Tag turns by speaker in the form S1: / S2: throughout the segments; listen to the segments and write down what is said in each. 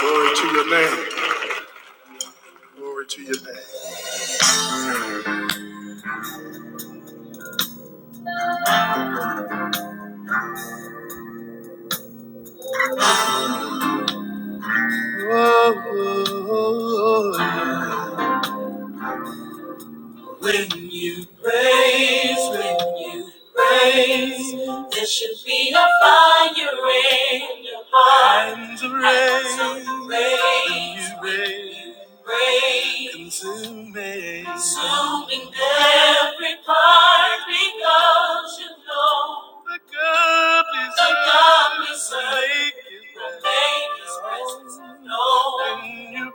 S1: Glory to your name. Glory to your name. When you praise, when you praise, there should be a fire in your heart. Hands of raise, when you praise, consuming, consuming every part because you know the God is the God is serve will make His presence known. When you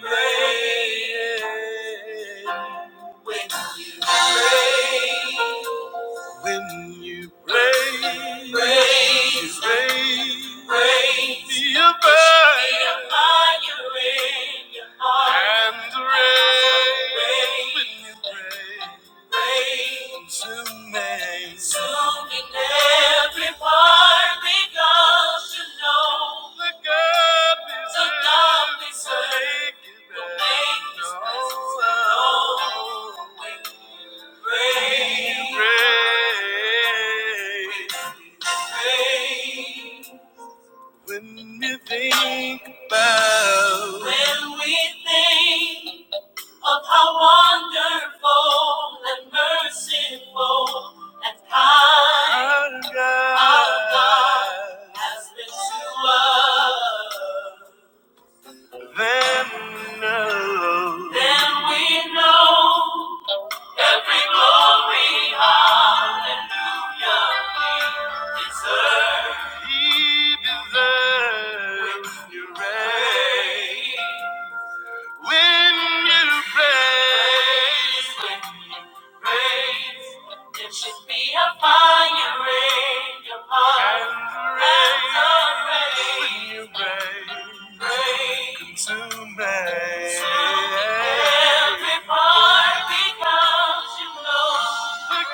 S1: raise, raise. When you pray, when you pray, praise, praise, praise, be above, be above your reign, your heart, and reign. When you pray. When we think about, when we think. Of how wonderful and merciful and kind our God has been to us. Then we know, then we know every glory, hallelujah, He deserves. He deserves your reign. When you praise, when you praise, there should be a fire in your heart. And the rain, when you raise, praise, consume me. Consume every part because you know. Praise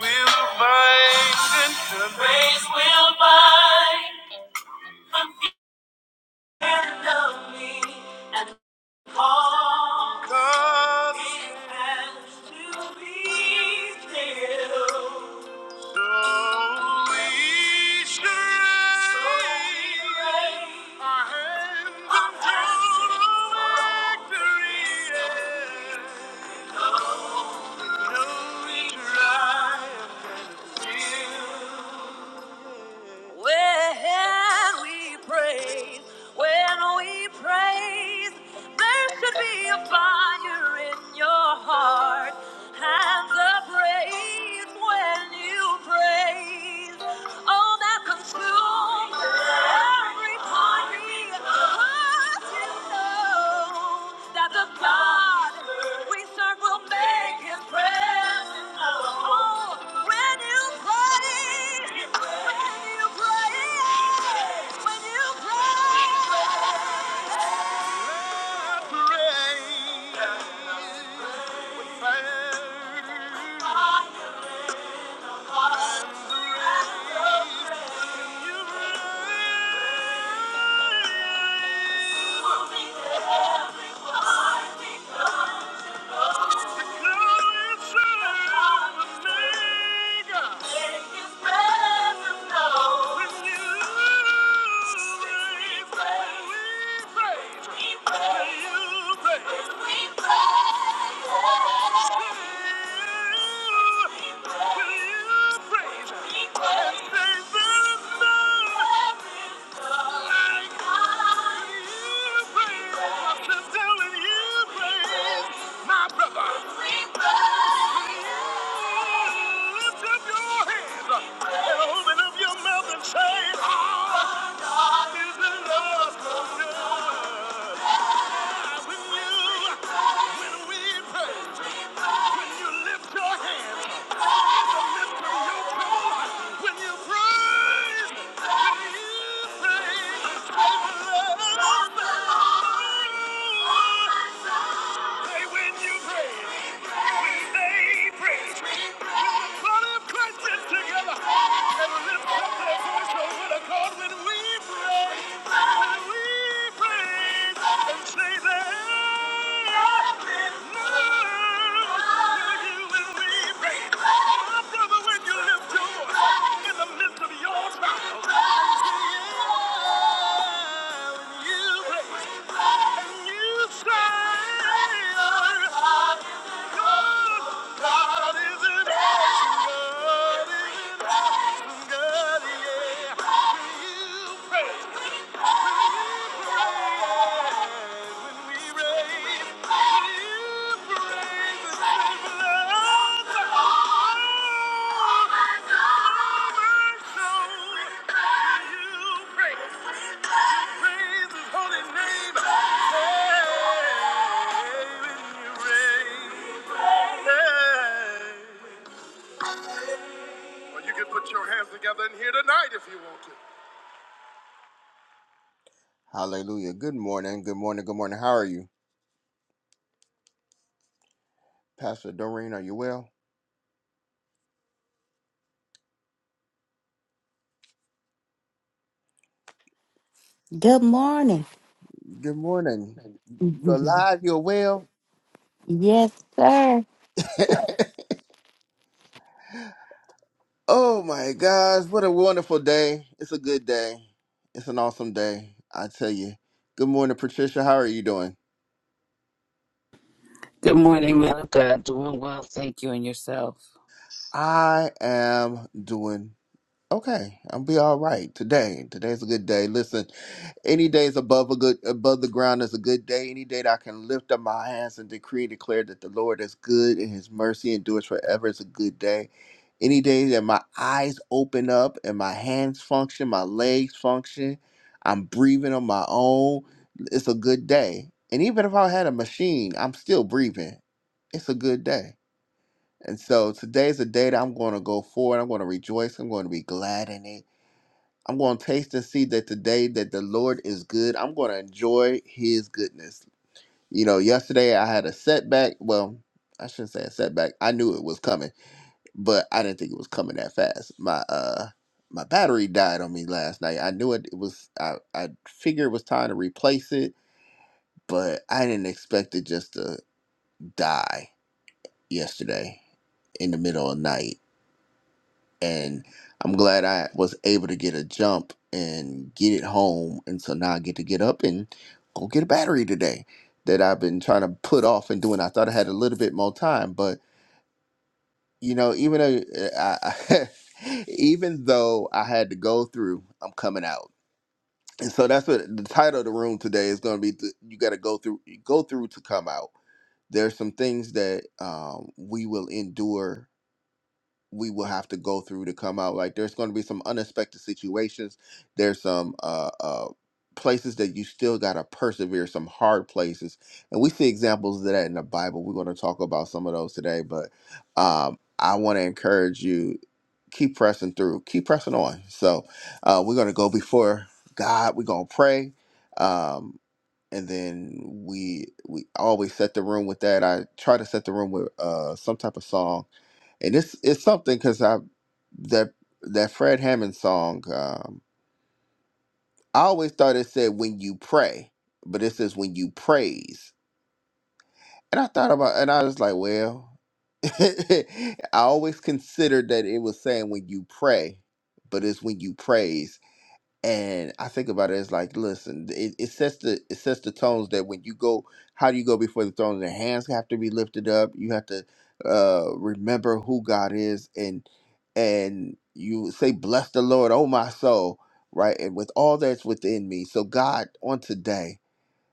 S1: will bind and cover. Praise will bind and love All it has to be still. Slowly strain our hands until victory ends. No triumph can feel. When we praise, when we praise, there should be a fire in your heart. And the praise when you praise, all that consumes that the God we serve will make his presence known. When you pray, when you pray, when you pray. My brother. Lift up your heads and open up your mouth and say, Our God is in us. When you, when we praise, when you lift your hands, your prayer, when you praise, when you praise, say, Beloved, Say when you praise, when they praise. Yeah. God is an awesome God. is an awesome God, yeah. Will you praise? Will you praise when we raise? Will you praise and say, "Beloved, oh, my soul, will you praise?" Praise His holy name. Hey, when you reign. Well, you can put your hands together in here tonight if you want to. Hallelujah. Good morning. Good morning. Good morning. How are you? Pastor Doreen, are you well?
S2: Good morning.
S1: Good morning. You're alive. You're well.
S2: yes, sir.
S1: Oh my gosh. What a wonderful day. It's a good day. It's an awesome day. I tell you. Good morning, Patricia. How are you doing?
S3: Good morning, man of God. Doing well, thank you, and yourself.
S1: I am doing Okay, I'll be all right today. Today's a good day. Listen, any days above a good above the ground is a good day. Any day that I can lift up my hands and decree and declare that the Lord is good and His mercy endures forever is a good day. Any day that my eyes open up and my hands function, my legs function, I'm breathing on my own. It's a good day. And even if I had a machine, I'm still breathing. It's a good day. And so today's a day that I'm going to go forward. I'm going to rejoice. I'm going to be glad in it. I'm going to taste and see that today that the Lord is good. I'm going to enjoy his goodness. You know, yesterday I had a setback. Well, I shouldn't say a setback. I knew it was coming, but I didn't think it was coming that fast. My uh my battery died on me last night. I knew it, it was I I figured it was time to replace it, but I didn't expect it just to die yesterday in the middle of night and I'm glad I was able to get a jump and get it home. And so now I get to get up and go get a battery today that I've been trying to put off and doing. I thought I had a little bit more time, but you know, even though uh, I, even though I had to go through, I'm coming out. And so that's what the title of the room today is going to be. th- You got to go through, go through to come out. There's some things that um, we will endure we will have to go through to come out. Like there's going to be some unexpected situations. There's some uh, uh, places that you still got to persevere, some hard places, and we see examples of that in the Bible. We're going to talk about some of those today, but um, I want to encourage you keep pressing through, keep pressing on. So uh, we're going to go before God. We're going to pray. Um, and then we we always set the room with that. I try to set the room with uh some type of song, and it's it's something because I that that Fred Hammond song. Um, I always thought it said when you pray, but it says when you praise, and I thought about and I was like, well, I always considered that it was saying when you pray, but it's when you praise and I think about it as like, listen, it, it sets the it sets the tones that when you go, how do you go before the throne? The hands have to be lifted up. You have to uh, remember who God is, and and you say, "Bless the Lord, oh my soul," right, and with all that's within me. So God, on today.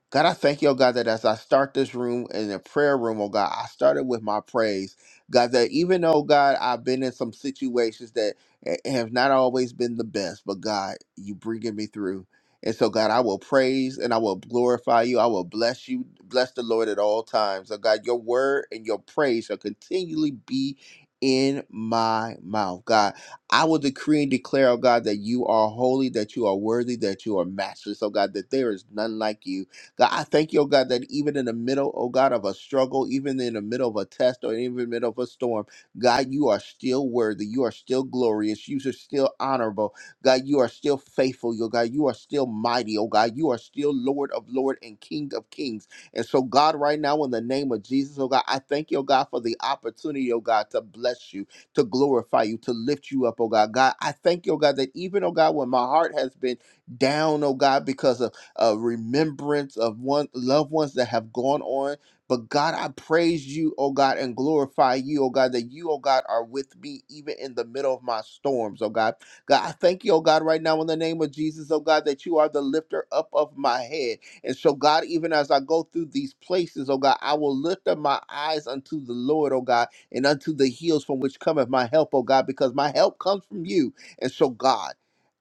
S1: God, I thank you, oh God, that as I start this room in the prayer room, oh God, I started with my praise. God, that even though, God, I've been in some situations that eh, have not always been the best, but God, you bringing me through. And so, God, I will praise and I will glorify you. I will bless you. Bless the Lord at all times. Oh God, your word and your praise shall continually be in my mouth. God, I will decree and declare, oh God, that you are holy, that you are worthy, that you are matchless. Oh God, that there is none like you. God, I thank you, oh God, that even in the middle, oh God, of a struggle, even in the middle of a test or even in the middle of a storm, God, you are still worthy. You are still glorious. You are still honorable. God, you are still faithful. Oh God, you are still mighty. Oh God, you are still Lord of Lord and King of Kings. And so, God, right now, in the name of Jesus, oh God, I thank you, oh God, for the opportunity, oh God, to bless you, to glorify you, to lift you up, oh God. God, I thank you, oh God, that even, oh God, when my heart has been down, oh God, because of uh, remembrance of one loved ones that have gone on. But God, I praise you, oh God, and glorify you, oh God, that you, oh God, are with me even in the middle of my storms, oh God. God, I thank you, oh God, right now in the name of Jesus, oh God, that you are the lifter up of my head. And so, God, even as I go through these places, oh God, I will lift up my eyes unto the Lord, oh God, and unto the hills from which cometh my help, oh God, because my help comes from you. And so, God,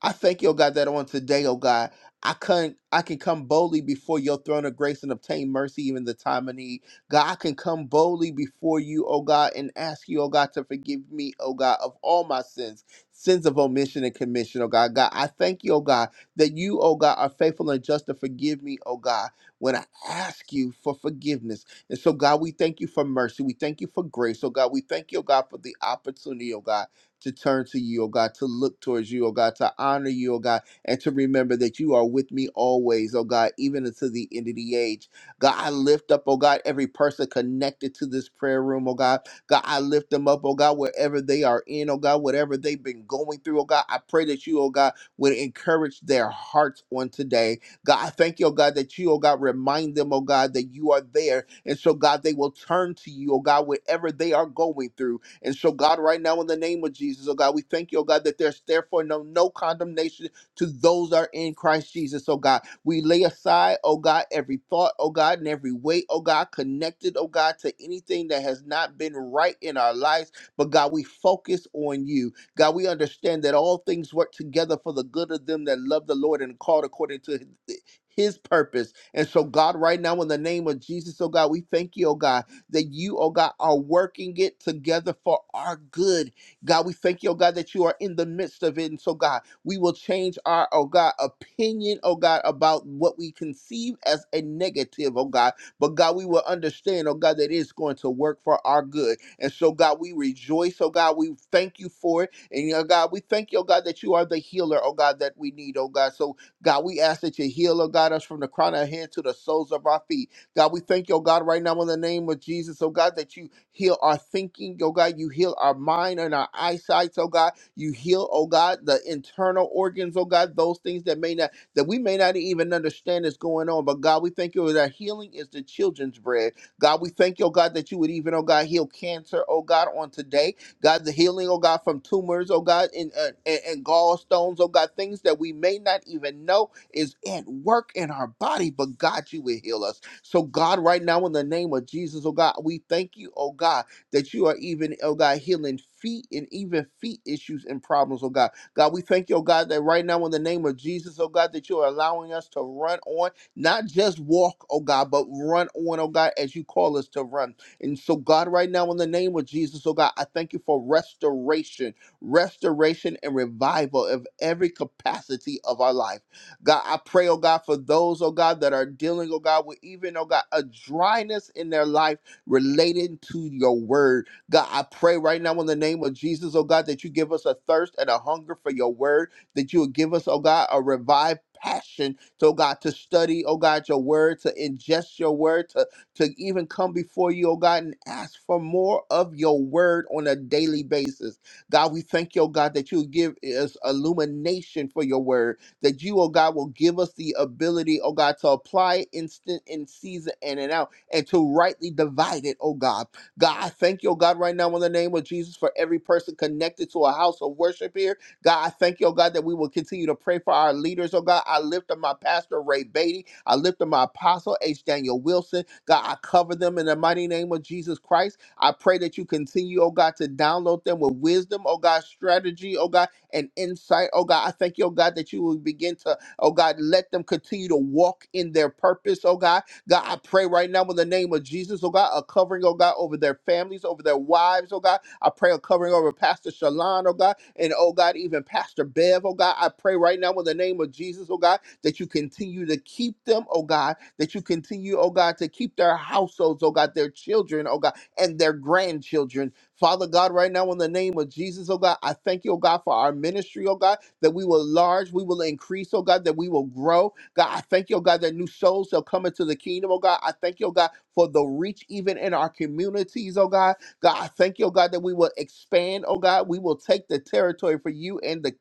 S1: I thank you, oh God, that on today, oh God. I can I can come boldly before your throne of grace and obtain mercy even in the time of need. God, I can come boldly before you, oh God, and ask you, oh God, to forgive me, oh God, of all my sins, sins of omission and commission, oh God. God, I thank you, oh God, that you, oh God, are faithful and just to forgive me, oh God, when I ask you for forgiveness. And so, God, we thank you for mercy. We thank you for grace, oh God. We thank you, oh God, for the opportunity, oh God, to turn to you, oh God, to look towards you, oh God, to honor you, oh God and to remember that you are with me always, oh God, even until the end of the age. God, I lift up, oh God, every person connected to this prayer room, oh God. God, I lift them up, oh God, wherever they are in, oh God, whatever they've been going through, oh God. I pray that you, oh God, would encourage their hearts on today. God, I thank you, oh God, that you, oh God, remind them, oh God, that you are there. And so, God, they will turn to you, oh God, whatever they are going through. And so, God, right now, in the name of Jesus, oh God, we thank you, oh God, that there's therefore no, no condemnation to those that are in Christ Jesus, oh God. We lay aside, oh God, every thought, oh God, and every weight, oh God, connected, oh God, to anything that has not been right in our lives. But God, we focus on you. God, we understand that all things work together for the good of them that love the Lord and are called according to his his purpose. And so, God, right now, in the name of Jesus, oh God, we thank you, oh God, that you, oh God, are working it together for our good God, we thank you, oh God, that you are in the midst of it. And so, God, we will change our, oh God, opinion, oh God, about what we conceive as a negative, oh God. But God, we will understand, oh God, that it's going to work for our good. And so, God, we rejoice, oh God, we thank you for it. And oh God, we thank you, oh God, that you are the healer, oh God, that we need, oh God. So, God, we ask that you heal, oh God, us from the crown of our head to the soles of our feet. God, we thank you, oh God, right now in the name of Jesus, oh God, that you heal our thinking, oh God, you heal our mind and our eyesight, oh God, you heal, oh God, the internal organs, oh God, those things that may not that we may not even understand is going on. But God, we thank you that healing is the children's bread. God, we thank you, oh God, that you would even, oh God, heal cancer, oh God, on today. God, the healing, oh God, from tumors, oh God, and, uh, and, and gallstones, oh God, things that we may not even know is at work in our body, but God, you would heal us. So, God, right now, in the name of Jesus, oh God, we thank you, oh God, that you are even, oh God, healing feet and even feet issues and problems, oh God. God, we thank you, oh God, that right now, in the name of Jesus, oh God, that you are allowing us to run on, not just walk, oh God, but run on, oh God, as you call us to run. And so, God, right now, in the name of Jesus, oh God, I thank you for restoration, restoration and revival of every capacity of our life. God, I pray, oh God, for those, oh God, that are dealing, oh God, with even, oh God, a dryness in their life related to your word. God, I pray right now in the name of Jesus, oh God, that you give us a thirst and a hunger for your word, that you will give us, oh God, a revived passion, so oh God, to study, oh God, your word, to ingest your word, to, to even come before you, oh God, and ask for more of your word on a daily basis. God, we thank you, oh God, that you give us illumination for your word that you, oh God, will give us the ability, oh God, to apply instant in season in and out and to rightly divide it, oh God. God, I thank you, oh God, right now in the name of Jesus for every person connected to a house of worship here. God, I thank you, oh God, that we will continue to pray for our leaders, oh God. I lift up my pastor, Ray Beatty. I lift up my apostle, H. Daniel Wilson. God, I cover them in the mighty name of Jesus Christ. I pray that you continue, oh God, to download them with wisdom, oh God, strategy, oh God, and insight. Oh God, I thank you, oh God, that you will begin to, oh God, let them continue to walk in their purpose, oh God. God, I pray right now in the name of Jesus, oh God, a covering, oh God, over their families, over their wives, oh God. I pray a covering over Pastor Shalon, oh God, and oh God, even Pastor Bev, oh God. I pray right now in the name of Jesus, oh God, that you continue to keep them, oh God, that you continue, oh God, to keep their households, oh God, their children, oh God and their grandchildren. Father God, right now in the name of Jesus, oh God, I thank you, oh God, for our ministry, oh God, that we will large, we will increase, oh God, that we will grow. God, I thank you, oh God, that new souls shall come into the kingdom, oh God. I thank you, oh God, for the reach even in our communities, oh God. God, I thank you, oh God, that we will expand, oh God. We will take the territory for you and the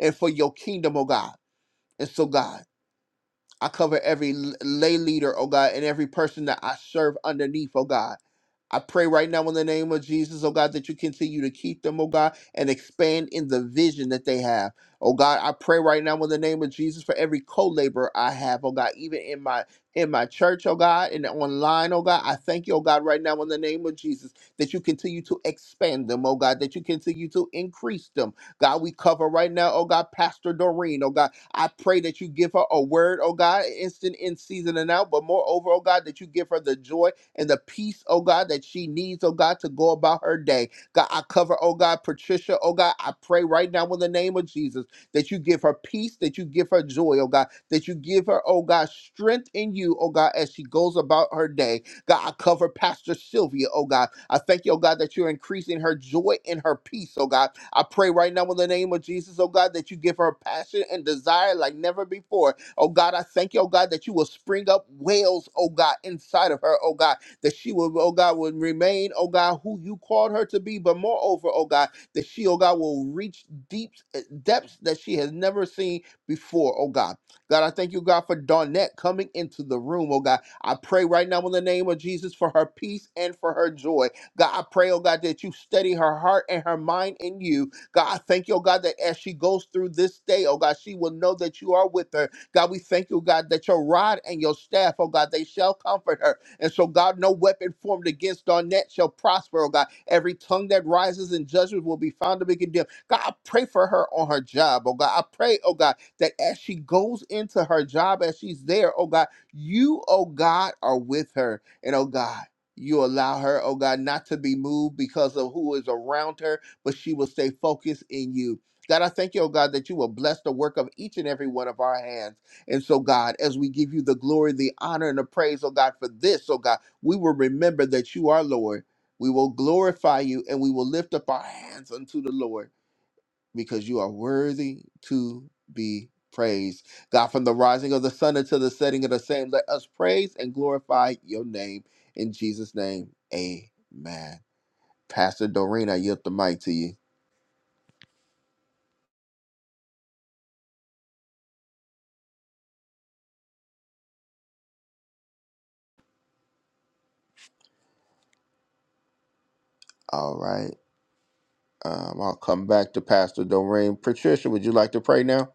S1: and for your kingdom, oh God. And so God. I cover every l- lay leader, oh God, and every person that I serve underneath, oh God. I pray right now in the name of Jesus, oh God, that you continue to keep them, oh God, and expand in the vision that they have. Oh God, I pray right now in the name of Jesus for every co-laborer I have, oh God, even in my in my church, oh God, and online, oh God. I thank you, oh God, right now in the name of Jesus, that you continue to expand them, oh God, that you continue to increase them, God, we cover right now, oh God, Pastor Doreen, oh God. I pray that you give her a word, oh God, instant in season and out, but moreover, oh God, that you give her the joy and the peace, oh God, that she needs, oh God, to go about her day. God, I cover, oh God, Patricia, oh God, I pray right now in the name of Jesus that you give her peace, that you give her joy, oh God, that you give her, oh God, strength in you, oh God, as she goes about her day. God, cover Pastor Sylvia, oh God. I thank you, oh God, that you're increasing her joy and her peace, oh God. I pray right now in the name of Jesus, oh God, that you give her passion and desire like never before. Oh God, I thank you, oh God, that you will spring up wells. oh God, inside of her, oh God, that she will, oh God, will remain, oh God, who you called her to be, but moreover, oh God, that she, oh God, will reach deep depths that she has never seen before, oh God. God, I thank you, God, for Dawnette coming into the room, oh God. I pray right now in the name of Jesus for her peace and for her joy. God, I pray, oh God, that you steady her heart and her mind in you. God, I thank you, oh God, that as she goes through this day, oh God, she will know that you are with her. God, we thank you, God, that your rod and your staff, oh God, they shall comfort her. And so, God, no weapon formed against Dawnette shall prosper, oh God. Every tongue that rises in judgment will be found to be condemned. God, I pray for her on her job, oh God. I pray, oh God, that as she goes into her job, as she's there, oh God, you, oh God, are with her. And oh God, you allow her, oh God, not to be moved because of who is around her, but she will stay focused in you. God, I thank you, oh God, that you will bless the work of each and every one of our hands. And so, God, as we give you the glory, the honor, and the praise, oh God, for this, oh God, we will remember that you are Lord. We will glorify you and we will lift up our hands unto the Lord because you are worthy to be praised. God, from the rising of the sun until the setting of the same, let us praise and glorify your name. In Jesus' name, amen. Pastor Doreen, I yield the mic to you. All right. Um, I'll come back to Pastor Doreen. Patricia, would you like to pray now?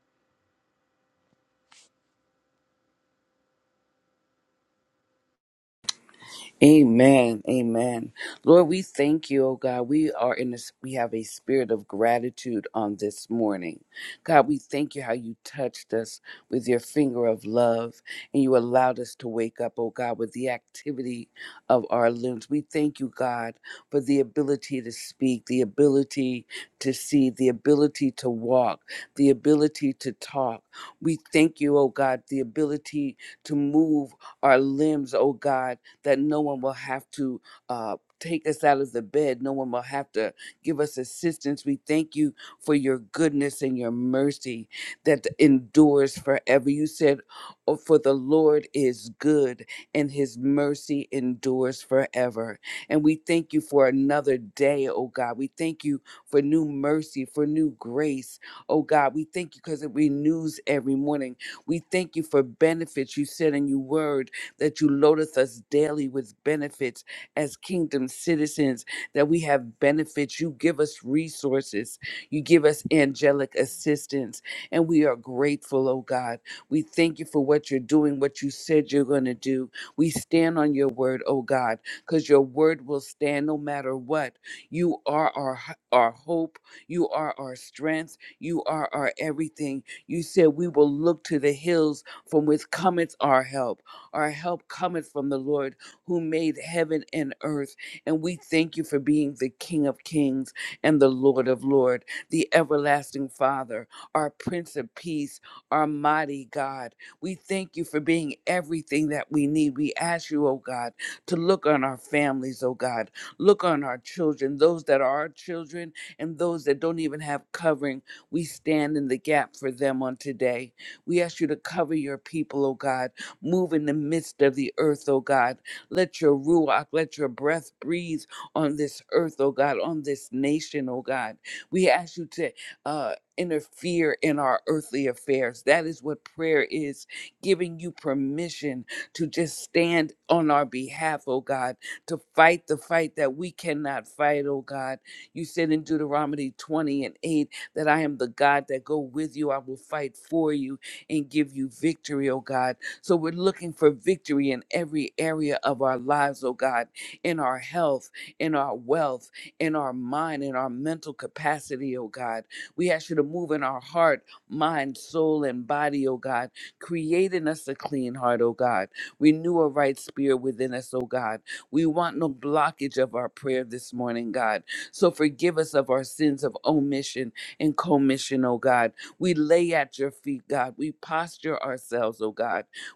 S3: Amen. Amen. Lord, we thank you, oh God. We are in this, we have a spirit of gratitude on this morning. God, we thank you how you touched us with your finger of love and you allowed us to wake up, oh God, with the activity of our limbs. We thank you, God, for the ability to speak, the ability to see, the ability to walk, the ability to talk. We thank you, oh God, the ability to move our limbs, oh God that no one will have to uh, take us out of the bed. No one will have to give us assistance. We thank you for your goodness and your mercy that endures forever. You said, "Oh, For the Lord is good and his mercy endures forever. And we thank you for another day, oh God. We thank you for new mercy, for new grace, oh God. We thank you because it renews every morning. We thank you for benefits you said in your word that you loadeth us daily with benefits as kingdom citizens, that we have benefits. You give us resources, you give us angelic assistance, and we are grateful, oh God. We thank you for what you're doing, what you said you're going to do. We stand on your word, oh God, because your word will stand no matter what. You are our, h- our hope, you are our strength, you are our everything. You said we will look to the hills from which cometh our help. Our help cometh from the Lord who made heaven and earth. And we thank you for being the King of kings and the Lord of lords, the everlasting Father, our Prince of Peace, our mighty God. We thank you for being everything that we need. We ask you, oh God, to look on our families, oh God. Look on our children, those that are our children and those that don't even have covering. We stand in the gap for them on today. We ask you to cover your people, oh God. Move in the midst of the earth, oh God. Let your ruach, let your breath breathe on this earth, oh God, on this nation, oh God. We ask you to uh, interfere in our earthly affairs. That is what prayer is, giving you permission to just stand on our behalf, oh God, to fight the fight that we cannot fight, oh God. You said in Deuteronomy 20 and 8 that I am the God that go with you. I will fight for you and give you victory, oh God. So we're looking for victory in every area of our lives, oh God, in our health, in our wealth, in our mind, in our mental capacity, oh God. We ask you to move in our heart, mind, soul, and body, oh God. Create in us a clean heart, oh God. Renew a right spirit within us, oh God. We want no blockage of our prayer this morning, God. So forgive us of our sins of omission and commission, oh God. We lay at your feet, God. We posture ourselves, oh God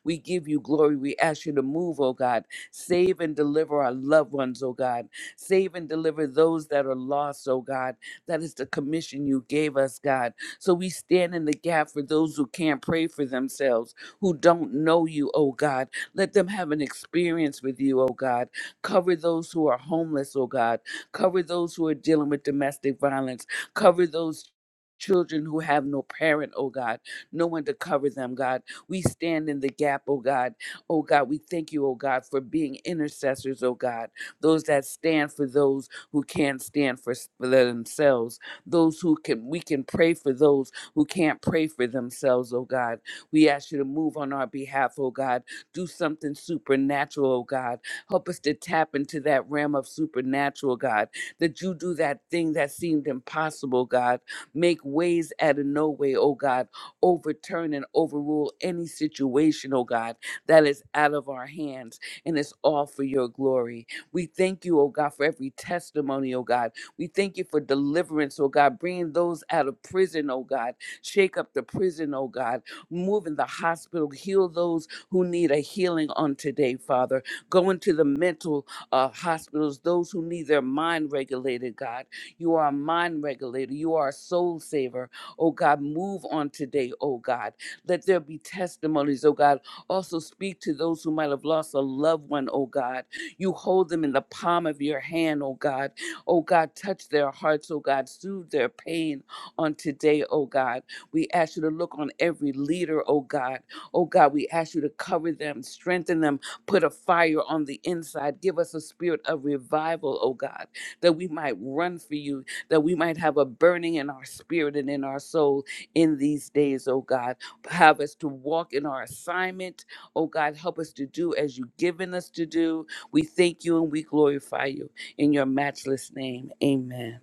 S3: we give you glory. We ask you to move, oh God. Save and deliver our loved ones, oh God. Save and deliver those that are lost, oh God. That is the commission you gave us, God. So we stand in the gap for those who can't pray for themselves, who don't know you, oh God. Let them have an experience with you, oh God. Cover those who are homeless, oh God. Cover those who are dealing with domestic violence. Cover those children who have no parent, oh God, no one to cover them, God. We stand in the gap, oh God. Oh God, we thank you, oh God, for being intercessors, oh God. Those that stand for those who can't stand for, s- for themselves. Those who can, we can pray for those who can't pray for themselves, oh God. We ask you to move on our behalf, oh God. Do something supernatural, oh God. Help us to tap into that realm of supernatural, God. That you do that thing that seemed impossible, God. Make ways out of no way, oh God overturn and overrule any situation, oh God, that is out of our hands. And it's all for your glory. We thank you, oh God, for every testimony, oh God. We thank you for deliverance, oh God, bringing those out of prison, oh God. Shake up the prison, oh God. Move in the hospital. Heal those who need a healing on today, Father. Go into the mental uh, hospitals, those who need their mind regulated, God. You are a mind regulator. You are a soul saver. Oh God, move on today, oh God. Let there be testimonies, oh God. Also speak to those who might have lost a loved one, oh God. You hold them in the palm of your hand, oh God. Oh God, touch their hearts, oh God. Soothe their pain on today, oh God. We ask you to look on every leader, oh God. Oh God, we ask you to cover them, strengthen them, put a fire on the inside. Give us a spirit of revival, oh God, that we might run for you that we might have a burning in our spirit and in our soul in these days, oh God. Have us to walk in our assignment, oh God. Help us to do as you've given us to do. We thank you and we glorify you in your matchless name. Amen.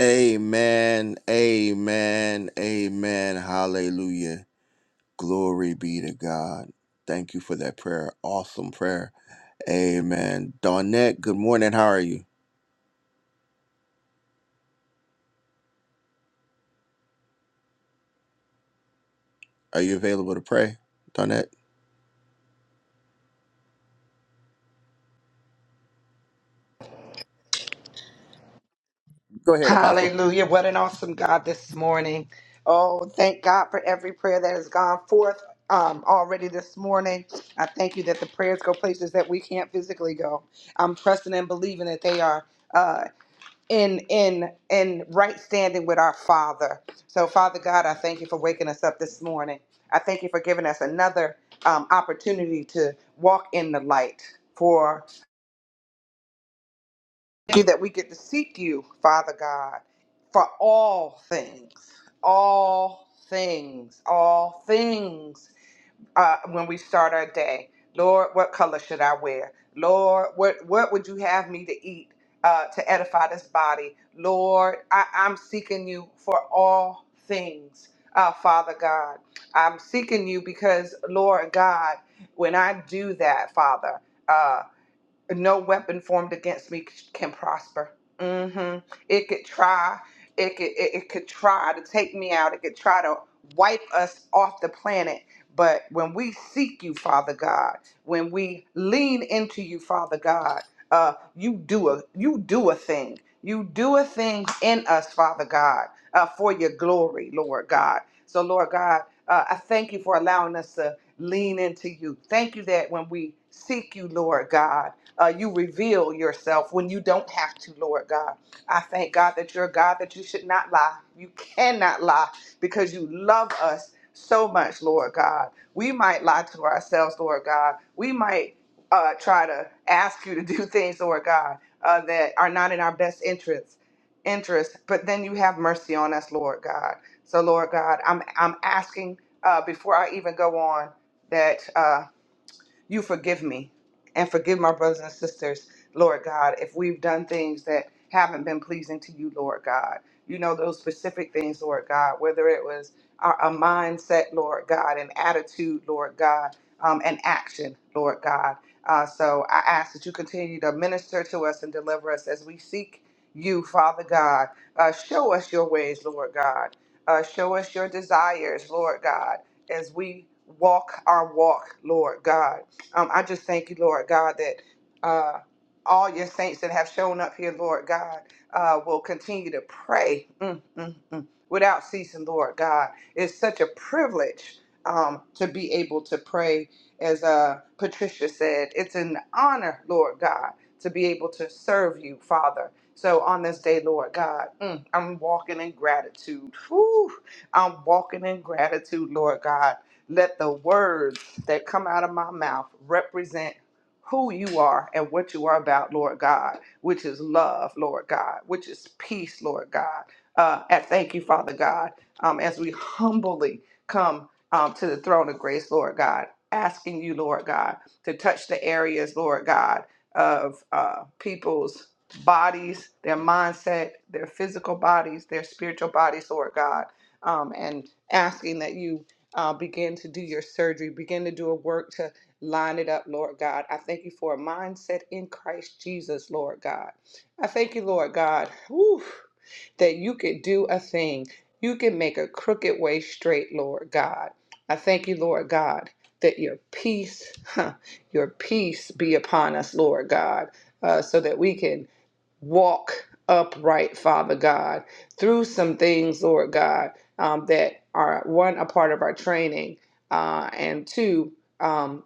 S1: Amen. Amen. Amen. Hallelujah. Glory be to God. Thank you for that prayer. Awesome prayer. Amen. Donette, good morning. How are you? Are you available to pray? Donette? Go ahead, Apostle.
S4: Hallelujah. What an awesome God this morning. Oh, thank God for every prayer that has gone forth um, already this morning. I thank you that the prayers go places that we can't physically go. I'm trusting and believing that they are uh, in in in right standing with our Father. So, Father God, I thank you for waking us up this morning. I thank you for giving us another um, opportunity to walk in the light. For Thank you that we get to seek you, Father God, for all things, all things, all things. Uh, when we start our day, Lord, what color should I wear? Lord, what what would you have me to eat uh, to edify this body? Lord, I, I'm seeking you for all things, uh, Father God. I'm seeking you because, Lord God, when I do that, Father. uh, no weapon formed against me can prosper. mm hmm It could try, it could, it, it could try to take me out. It could try to wipe us off the planet. But when we seek you, Father God, when we lean into you, Father God, uh, you do a you do a thing. You do a thing in us, Father God, uh, for your glory, Lord God. So, Lord God, uh, I thank you for allowing us to lean into you. Thank you that when we seek you, Lord God uh, you reveal yourself when you don't have to, Lord God. I thank God that you're a God that you should not lie. You cannot lie because you love us so much, Lord God. We might lie to ourselves, Lord God. We might uh, try to ask you to do things, Lord God, uh, that are not in our best interests. Interest, but then you have mercy on us, Lord God. So, Lord God, I'm I'm asking uh, before I even go on that. Uh, you forgive me and forgive my brothers and sisters, Lord God, if we've done things that haven't been pleasing to you, Lord God. You know those specific things, Lord God, whether it was a, a mindset, Lord God, an attitude, Lord God, um, an action, Lord God. Uh, so I ask that you continue to minister to us and deliver us as we seek you, Father God. Uh, show us your ways, Lord God. Uh, show us your desires, Lord God, as we walk our walk, Lord God um, I just thank you, Lord God, that uh, all your saints that have shown up here, Lord God, uh, will continue to pray mm, mm, mm, without ceasing, Lord God. It's such a privilege um, to be able to pray. As uh, Patricia said, it's an honor, Lord God, to be able to serve you, Father. So on this day, Lord God, mm, I'm walking in gratitude. Whew, I'm walking in gratitude, Lord God. Let the words that come out of my mouth represent who you are and what you are about, Lord God, which is love, Lord God, which is peace, Lord God. Uh, and thank you, Father God, um, as we humbly come um, to the throne of grace, Lord God, asking you, Lord God, to touch the areas, Lord God, of uh, people's bodies, their mindset, their physical bodies, their spiritual bodies, Lord God, um, and asking that you uh, begin to do your surgery, begin to do a work to line it up, Lord God. I thank you for a mindset in Christ Jesus, Lord God. I thank you, Lord God, whew, that you could do a thing. You can make a crooked way straight, Lord God. I thank you, Lord God, that your peace, huh, your peace be upon us, Lord God, uh, so that we can walk upright, Father God, through some things, Lord God, um, that are one, a part of our training, uh, and two, um,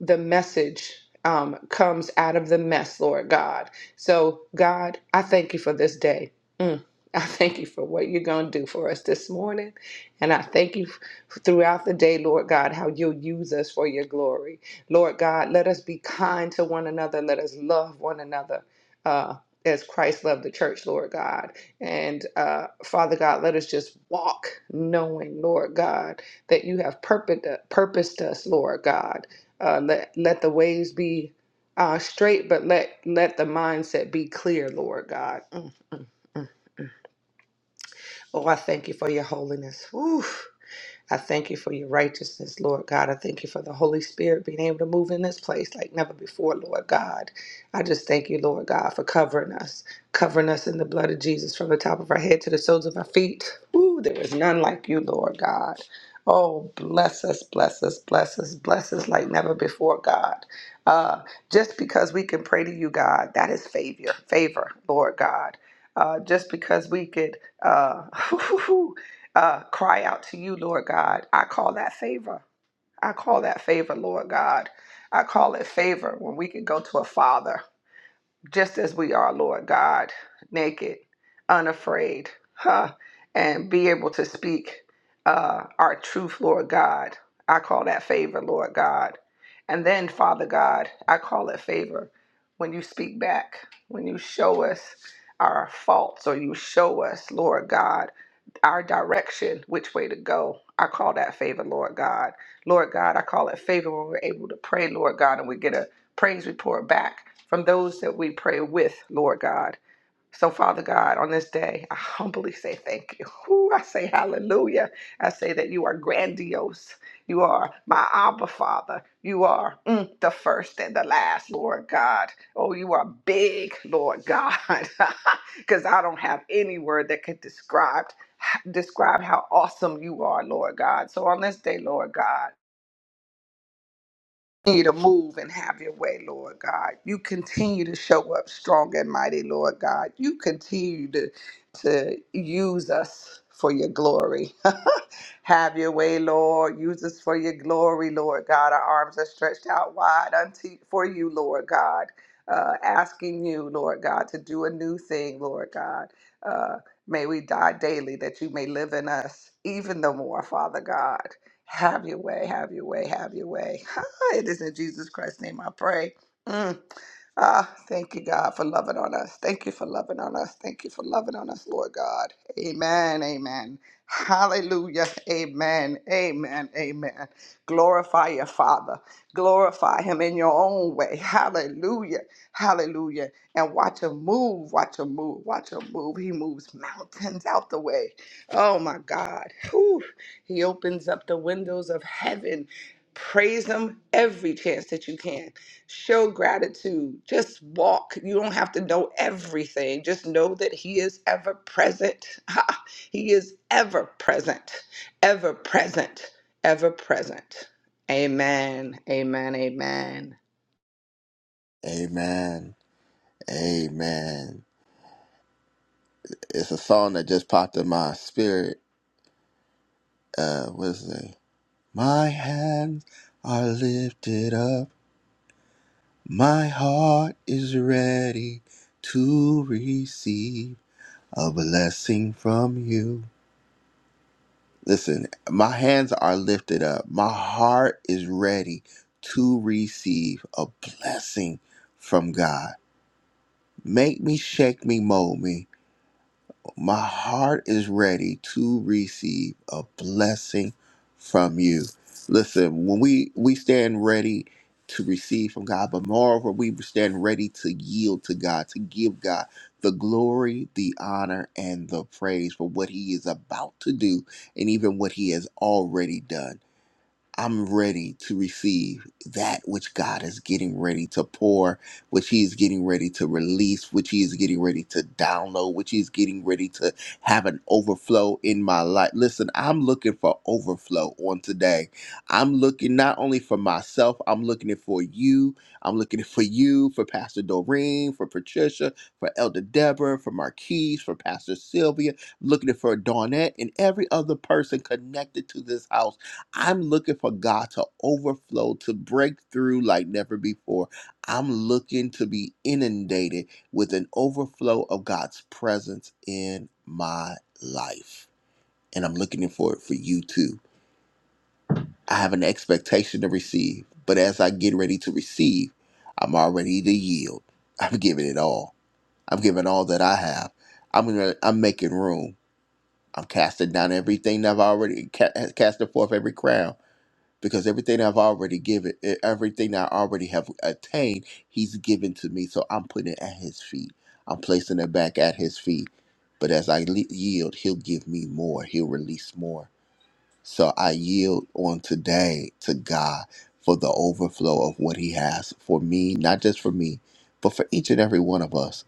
S4: the message um, comes out of the mess, Lord God. So, God, I thank you for this day. Mm. I thank you for what you're going to do for us this morning. And I thank you f- throughout the day, Lord God, how you'll use us for your glory. Lord God, let us be kind to one another. Let us love one another uh, as Christ loved the church, Lord God. And uh, Father God, let us just walk knowing, Lord God, that you have purposed, purposed us, Lord God. Uh, let, let the ways be uh, straight, but let, let the mindset be clear, Lord God. Mm. Oh, I thank you for your holiness. Whew. I thank you for your righteousness, Lord God. I thank you for the Holy Spirit being able to move in this place like never before, Lord God. I just thank you, Lord God, for covering us, covering us in the blood of Jesus from the top of our head to the soles of our feet. Ooh, there is none like you, Lord God. Oh, bless us, bless us, bless us, bless us like never before, God. Uh, just because we can pray to you, God, that is favor, favor, Lord God. Uh, just because we could uh, uh, cry out to you, Lord God. I call that favor. I call that favor, Lord God. I call it favor when we can go to a father just as we are, Lord God, naked, unafraid, huh? and be able to speak uh, our truth, Lord God. I call that favor, Lord God. And then, Father God, I call it favor when you speak back, when you show us our faults or you show us, Lord God, our direction, which way to go. I call that favor, Lord God. Lord God, I call it favor when we're able to pray, Lord God, and we get a praise report back from those that we pray with, Lord God. So, Father God, on this day, I humbly say thank you. Ooh, I say hallelujah. I say that you are grandiose. You are my Abba Father. You are mm, the first and the last, Lord God. Oh, you are big, Lord God, because I don't have any word that could describe describe how awesome you are, Lord God. So on this day, Lord God, continue to move and have your way, Lord God. You continue to show up strong and mighty, Lord God. You continue to, to use us for your glory. have your way, Lord. Use us for your glory, Lord God. Our arms are stretched out wide unto for you, Lord God. Uh, asking you, Lord God, to do a new thing, Lord God. Uh, may we die daily that you may live in us even the more, Father God. Have your way, have your way, have your way. It is in Jesus Christ's name I pray. Mm. Ah, thank you, God, for loving on us. Thank you for loving on us. Thank you for loving on us, Lord God. Amen. Amen. Hallelujah. Amen. Amen. Amen. Glorify your Father. Glorify him in your own way. Hallelujah. Hallelujah. And watch him move. Watch him move. Watch him move. He moves mountains out the way. Oh my God. Whew. He opens up the windows of heaven. Praise Him every chance that you can. Show gratitude. Just walk. You don't have to know everything. Just know that He is ever present. Ha! He is ever present, ever present, ever present. Amen. Amen. Amen.
S1: Amen. Amen. It's a song that just popped in my spirit. Uh, what is it? My hands are lifted up. My heart is ready to receive a blessing from you. Listen, my hands are lifted up. My heart is ready to receive a blessing from God. Make me, shake me, mold me my heart is ready to receive a blessing from you. Listen, when we we stand ready to receive from God, but moreover, we stand ready to yield to God, to give God the glory, the honor, and the praise for what He is about to do, and even what He has already done. I'm ready to receive that which God is getting ready to pour, which He is getting ready to release, which He is getting ready to download, which He's getting ready to have an overflow in my life. Listen, I'm looking for overflow on today. I'm looking not only for myself, I'm looking it for you. I'm looking it for you, for Pastor Doreen, for Patricia, for Elder Deborah, for Marquise, for Pastor Sylvia, looking it for Dawnette and every other person connected to this house I'm looking for God to overflow, to break through like never before. I'm looking to be inundated with an overflow of God's presence in my life. And I'm looking for it for you too. I have an expectation to receive, but as I get ready to receive, I'm already to yield. I'm giving it all. I'm giving all that I have. I'm gonna, I'm making room. I'm casting down everything that I've already ca- casted forth every crown because everything I've already given, e- everything I already have attained, He's given to me. So I'm putting it at His feet. I'm placing it back at His feet. But as I le- yield, He'll give me more. He'll release more so I yield on today to God for the overflow of what He has for me, not just for me, but for each and every one of us.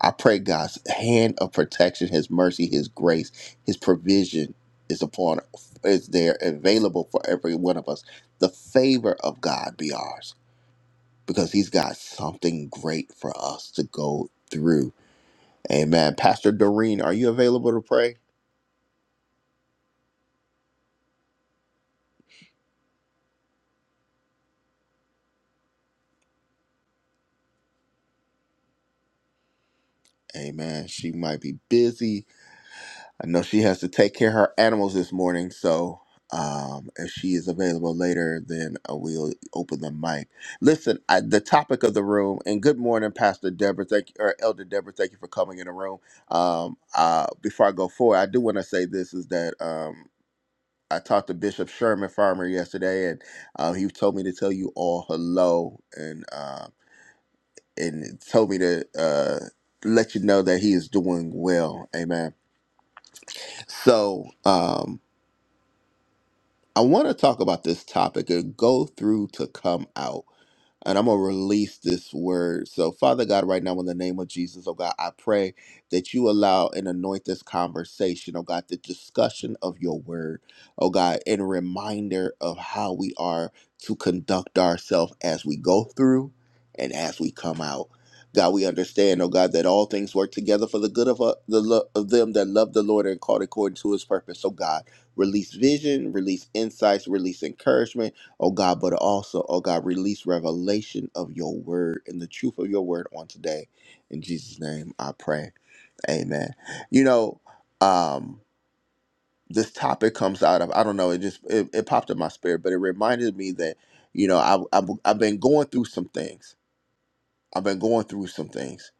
S1: I pray God's hand of protection, His mercy, His grace, His provision is upon, is there available for every one of us. The favor of God be ours because He's got something great for us to go through. Amen. Pastor Doreen, are you available to pray? Amen. She might be busy I know she has to take care of her animals this morning, so um, if she is available later, then uh, we'll open the mic. Listen, I, the topic of the room, and good morning, Pastor Deborah. Thank you, or Elder Deborah. Thank you for coming in the room. Um, uh, before I go forward, I do want to say this is that um, I talked to Bishop Sherman Farmer yesterday, and uh, he told me to tell you all hello, and uh, and told me to uh, let you know that he is doing well. Amen. So. Um, I want to talk about this topic and go through to come out. And I'm going to release this word. So, Father God, right now, in the name of Jesus, oh God, I pray that you allow and anoint this conversation, oh God, the discussion of your word, oh God, and reminder of how we are to conduct ourselves as we go through and as we come out. God, we understand, oh God, that all things work together for the good of, uh, the, lo- of them that love the Lord and called according to his purpose. Oh God, Release vision, release insights, release encouragement, oh God, but also, oh God, release revelation of your word and the truth of your word on today. In Jesus' name, I pray. Amen. You know, um, this topic comes out of I don't know. It just it, it popped in my spirit, but it reminded me that you know I, I have I've been going through some things. I've been going through some things,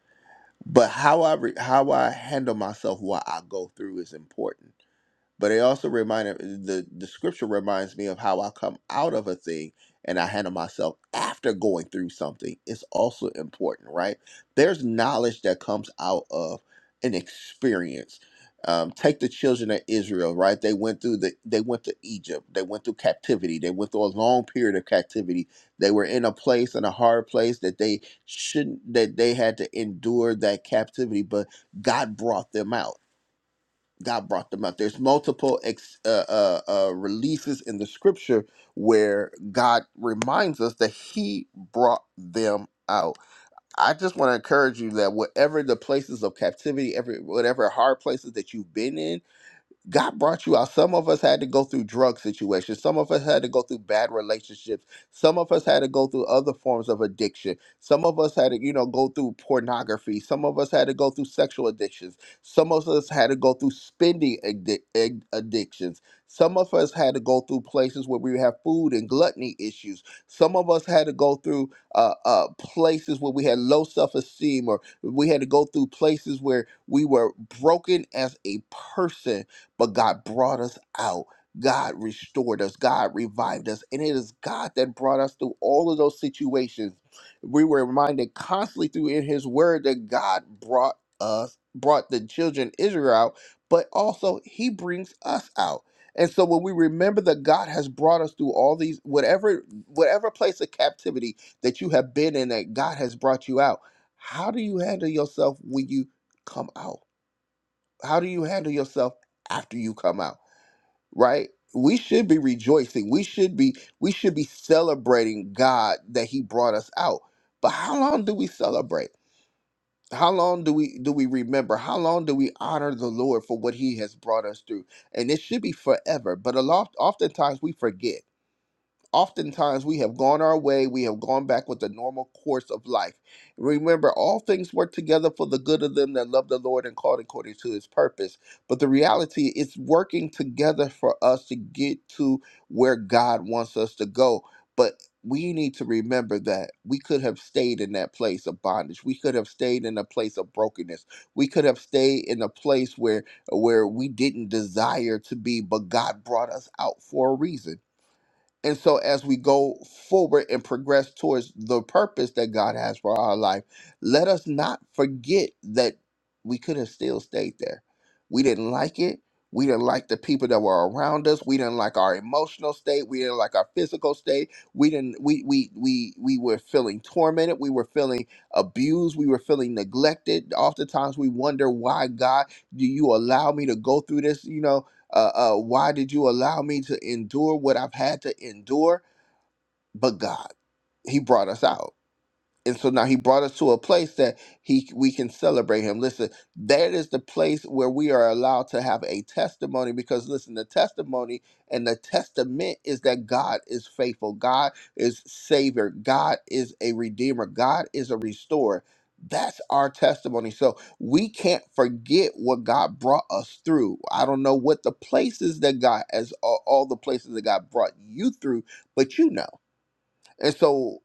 S1: but how I re, how I handle myself while I go through is important but it also reminded the the scripture reminds me of how I come out of a thing and I handle myself after going through something. It's also important, right? There's knowledge that comes out of an experience. Um, take the children of Israel, right? They went through the they went to Egypt, they went through captivity, they went through a long period of captivity. They were in a place in a hard place that they shouldn't that they had to endure that captivity, but God brought them out God brought them out. There's multiple ex, uh, uh, uh, releases in the scripture where God reminds us that He brought them out. I just want to encourage you that whatever the places of captivity, every whatever hard places that you've been in, God brought you out. Some of us had to go through drug situations. Some of us had to go through bad relationships. Some of us had to go through other forms of addiction. Some of us had to, you know, go through pornography. Some of us had to go through sexual addictions. Some of us had to go through spending addi- ad- addictions. Some of us had to go through places where we have food and gluttony issues. Some of us had to go through uh, uh, places where we had low self esteem, or we had to go through places where we were broken as a person but God brought us out. God restored us. God revived us. And it is God that brought us through all of those situations. We were reminded constantly through in his word that God brought us, brought the children Israel out, but also he brings us out. And so when we remember that God has brought us through all these whatever whatever place of captivity that you have been in that God has brought you out, how do you handle yourself when you come out? How do you handle yourself after you come out? right we should be rejoicing we should be we should be celebrating god that he brought us out but how long do we celebrate how long do we do we remember how long do we honor the lord for what he has brought us through and it should be forever but a lot oftentimes we forget oftentimes we have gone our way, we have gone back with the normal course of life. Remember, all things work together for the good of them that love the Lord and called according to his purpose. But the reality is working together for us to get to where God wants us to go. But we need to remember that we could have stayed in that place of bondage. We could have stayed in a place of brokenness. We could have stayed in a place where where we didn't desire to be, but God brought us out for a reason. And so, as we go forward and progress towards the purpose that God has for our life, let us not forget that we could have still stayed there. We didn't like it. We didn't like the people that were around us. We didn't like our emotional state. We didn't like our physical state. We didn't. We we we we were feeling tormented. We were feeling abused. We were feeling neglected. Oftentimes, we wonder why God, do you allow me to go through this? You know, uh, uh, why did you allow me to endure what I've had to endure? But God, He brought us out and so now he brought us to a place that he we can celebrate him listen that is the place where we are allowed to have a testimony because listen the testimony and the testament is that god is faithful god is savior god is a redeemer god is a restorer that's our testimony so we can't forget what god brought us through i don't know what the places that god as all all the places that god brought you through but you know and so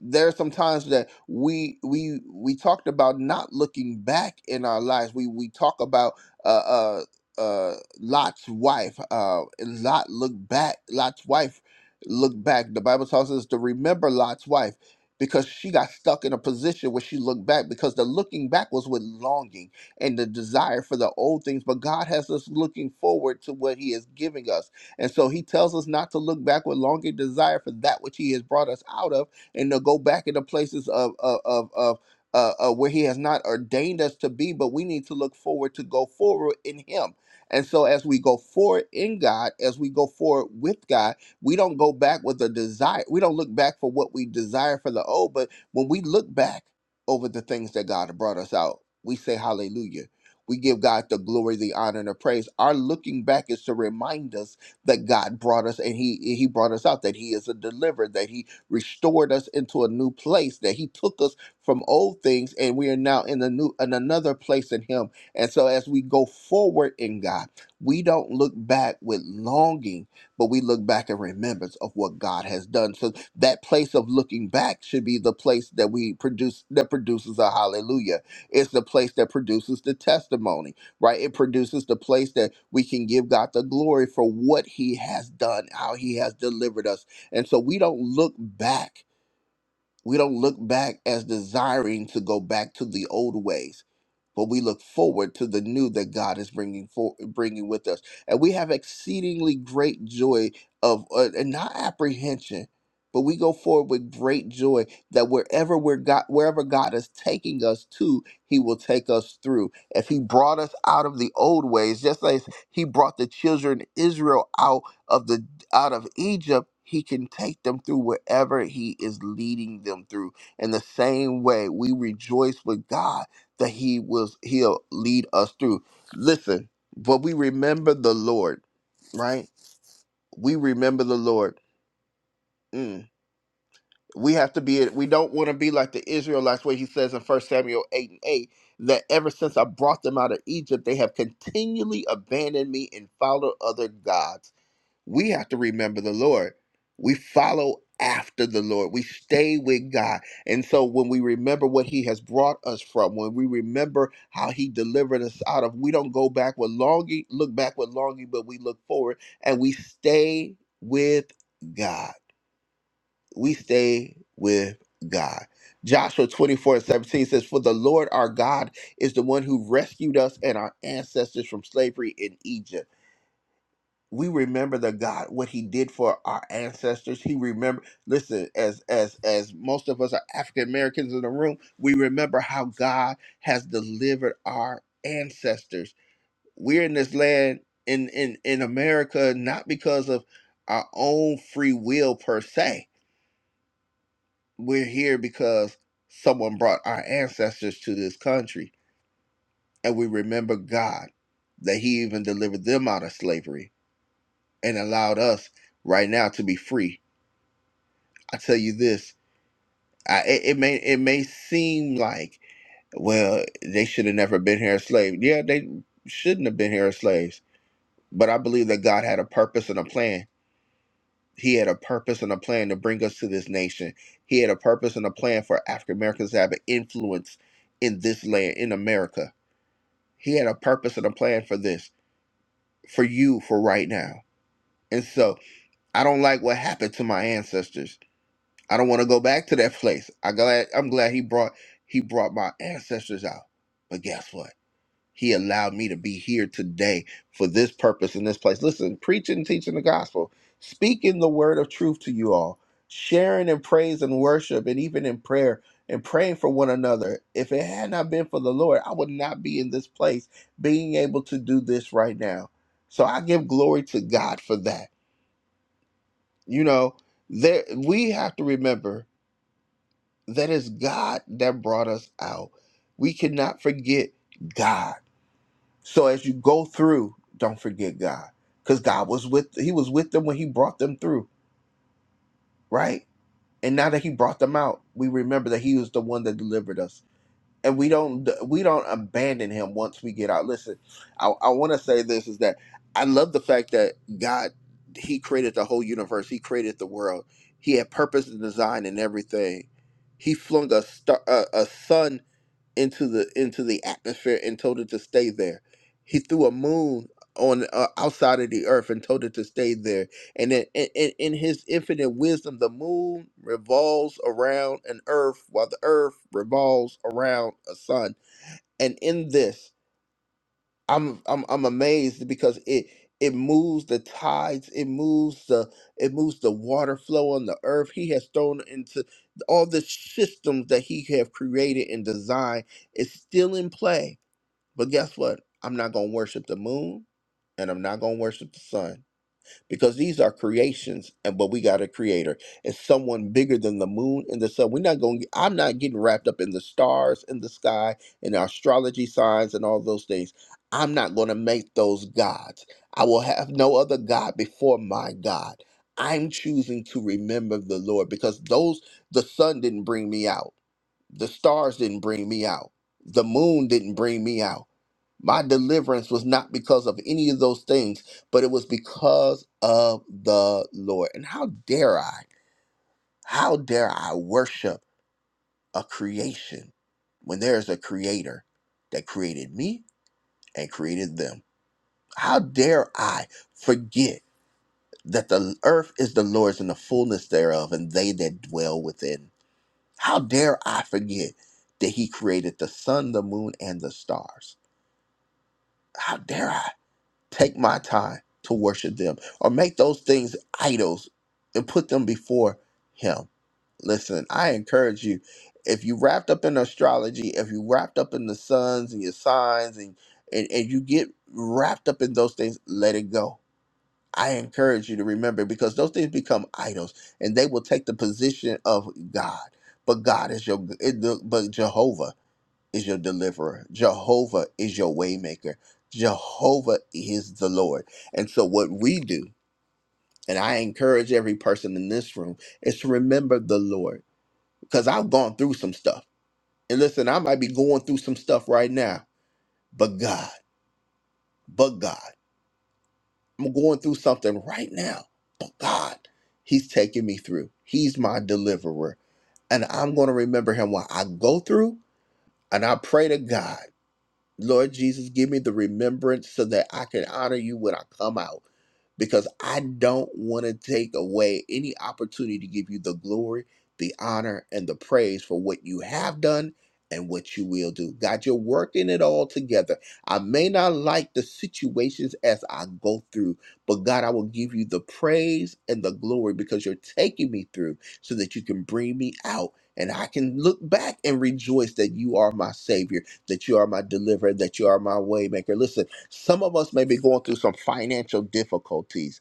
S1: there are some times that we we we talked about not looking back in our lives we we talk about uh uh uh lot's wife uh and lot looked back lot's wife looked back the bible tells us to remember lot's wife because she got stuck in a position where she looked back because the looking back was with longing and the desire for the old things but god has us looking forward to what he is giving us and so he tells us not to look back with longing desire for that which he has brought us out of and to go back into places of of of, of uh, uh, where he has not ordained us to be, but we need to look forward to go forward in him. And so, as we go forward in God, as we go forward with God, we don't go back with a desire. We don't look back for what we desire for the old, but when we look back over the things that God brought us out, we say hallelujah. We give God the glory, the honor, and the praise. Our looking back is to remind us that God brought us and he he brought us out that he is a deliverer that he restored us into a new place that he took us from old things and we are now in the new in another place in him and so as we go forward in God we don't look back with longing but we look back in remembrance of what God has done so that place of looking back should be the place that we produce that produces a hallelujah it's the place that produces the testimony right? It produces the place that we can give God the glory for what He has done, how He has delivered us. And so we don't look back we don't look back as desiring to go back to the old ways, but we look forward to the new that God is bringing for bringing with us, and we have exceedingly great joy of uh, and not apprehension, but we go forward with great joy that wherever we're God, wherever God is taking us to, He will take us through. If He brought us out of the old ways, just like He brought the children Israel out of the out of Egypt, he can take them through wherever he is leading them through. In the same way, we rejoice with God that he was he'll lead us through. Listen, but we remember the Lord, right? We remember the Lord. Mm. We have to be we don't want to be like the Israelites where he says in First Samuel 8 and 8 that ever since I brought them out of Egypt, they have continually abandoned me and followed other gods we have to remember the Lord. We follow after the Lord. We stay with God. And so when we remember what he has brought us from, when we remember how he delivered us out of, we don't go back with longing, look back with longing, but we look forward and we stay with God. We stay with God. Joshua 24 and 17 says, For the Lord our God is the one who rescued us and our ancestors from slavery in Egypt we remember the God what He did for our ancestors. He remember. Listen, as as as most of us are African Americans in the room, we remember how God has delivered our ancestors. We're in this land in in in America not because of our own free will per se. We're here because someone brought our ancestors to this country, and we remember God that He even delivered them out of slavery and allowed us right now to be free I tell you this, I, it, it may it may seem like well they should have never been here as slaves. Yeah, they shouldn't have been here as slaves. But I believe that God had a purpose and a plan. He had a purpose and a plan to bring us to this nation. He had a purpose and a plan for African Americans to have an influence in this land, in America. He had a purpose and a plan for this, for you, for right now. And so I don't like what happened to my ancestors. I don't want to go back to that place. I glad I'm glad he brought he brought my ancestors out. But guess what? He allowed me to be here today for this purpose in this place. Listen, preaching, teaching the gospel, speaking the word of truth to you all, sharing in praise and worship, and even in prayer and praying for one another. If it had not been for the Lord, I would not be in this place being able to do this right now. So I give glory to God for that. You know, there we have to remember that is God that brought us out. We cannot forget God. So as you go through, don't forget God. Because God was with He was with them when He brought them through, right? And now that He brought them out, we remember that He was the one that delivered us and we don't we don't abandon him once we get out. Listen, I, I want to say this is that I love the fact that God He created the whole universe. He created the world. He had purpose and design in everything. He flung a star, a, a sun into the into the atmosphere and told it to stay there. He threw a moon on uh, outside of the earth and told it to stay there and in, in, in his infinite wisdom, the moon revolves around an earth while the earth revolves around a sun. And in this, I'm I'm I'm amazed because it it moves the tides, it moves the it moves the water flow on the earth. He has thrown into all the systems that he have created and designed is still in play. But guess what? I'm not gonna worship the moon and I'm not gonna worship the sun because these are creations, and but we got a creator. It's someone bigger than the moon and the sun. We're not going. I'm not getting wrapped up in the stars in the sky and astrology signs and all those things. I'm not going to make those gods. I will have no other god before my God. I'm choosing to remember the Lord because those the sun didn't bring me out. The stars didn't bring me out. The moon didn't bring me out. My deliverance was not because of any of those things, but it was because of the Lord. And how dare I? How dare I worship a creation when there is a creator that created me and created them? How dare I forget that the earth is the Lord's and the fullness thereof, and they that dwell within? How dare I forget that He created the sun, the moon, and the stars? How dare I take my time to worship them or make those things idols and put them before Him? Listen, I encourage you if you wrapped up in astrology, if you wrapped up in the suns and your signs and and, and you get wrapped up in those things, let it go I encourage you to remember because those things become idols and they will take the position of God. But God is your but Jehovah is your deliverer. Jehovah is your waymaker. Jehovah is the Lord. And so what we do, and I encourage every person in this room, is to remember the Lord. Because I've gone through some stuff. And listen, I might be going through some stuff right now, but God, but God. I'm going through something right now, but God, He's taking me through. He's my deliverer. And I'm going to remember Him when I go through, and I pray to God. Lord Jesus, give me the remembrance so that I can honor you when I come out because I don't want to take away any opportunity to give you the glory, the honor, and the praise for what you have done and what you will do. God, you're working it all together. I may not like the situations as I go through, but God, I will give you the praise and the glory because you're taking me through so that you can bring me out and I can look back and rejoice that you are my Savior that you are my deliverer, that you are my waymaker. Listen, some of us may be going through some financial difficulties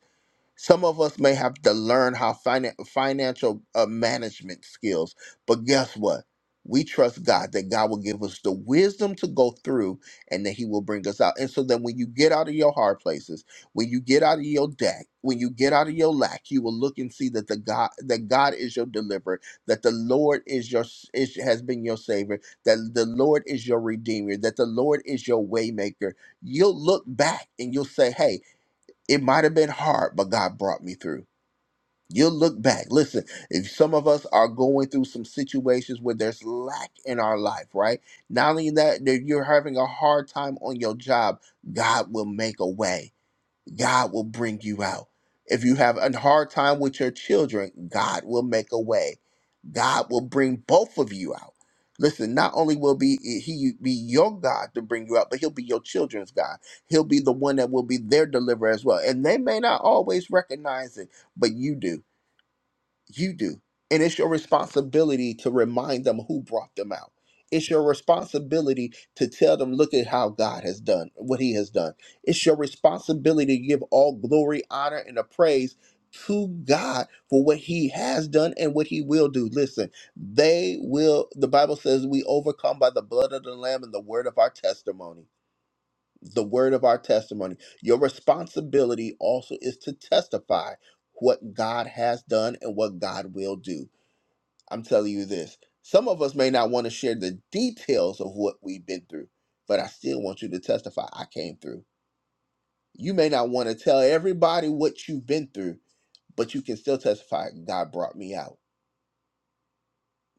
S1: some of us may have to learn how finan- financial uh, management skills, but guess what? We trust God that God will give us the wisdom to go through and that He will bring us out. And so then when you get out of your hard places, when you get out of your debt, when you get out of your lack, you will look and see that the God that God is your deliverer, that the Lord is your s- is, has been your savior, that the Lord is your redeemer, that the Lord is your waymaker. You'll look back and you'll say, "Hey, it might have been hard, but God brought me through. You'll look back. Listen, if some of us are going through some situations where there's lack in our life, right? Not only that, that you're having a hard time on your job, God will make a way. God will bring you out. If you have a hard time with your children, God will make a way. God will bring both of you out. Listen, not only will be he be your God to bring you out, but he'll be your children's God. He'll be the one that will be their deliverer as well. And they may not always recognize it, but you do you do. And it's your responsibility to remind them who brought them out. It's your responsibility to tell them, look at how God has done, what He has done. It's your responsibility to give all glory, honor, and a praise to God for what He has done and what He will do. Listen, they will, the Bible says, we overcome by the blood of the Lamb and the word of our testimony the word of our testimony. Your responsibility also is to testify what God has done and what God will do. I'm telling you this. Some of us may not want to share the details of what we've been through, but I still want you to testify I came through. You may not want to tell everybody what you've been through, but you can still testify God brought me out.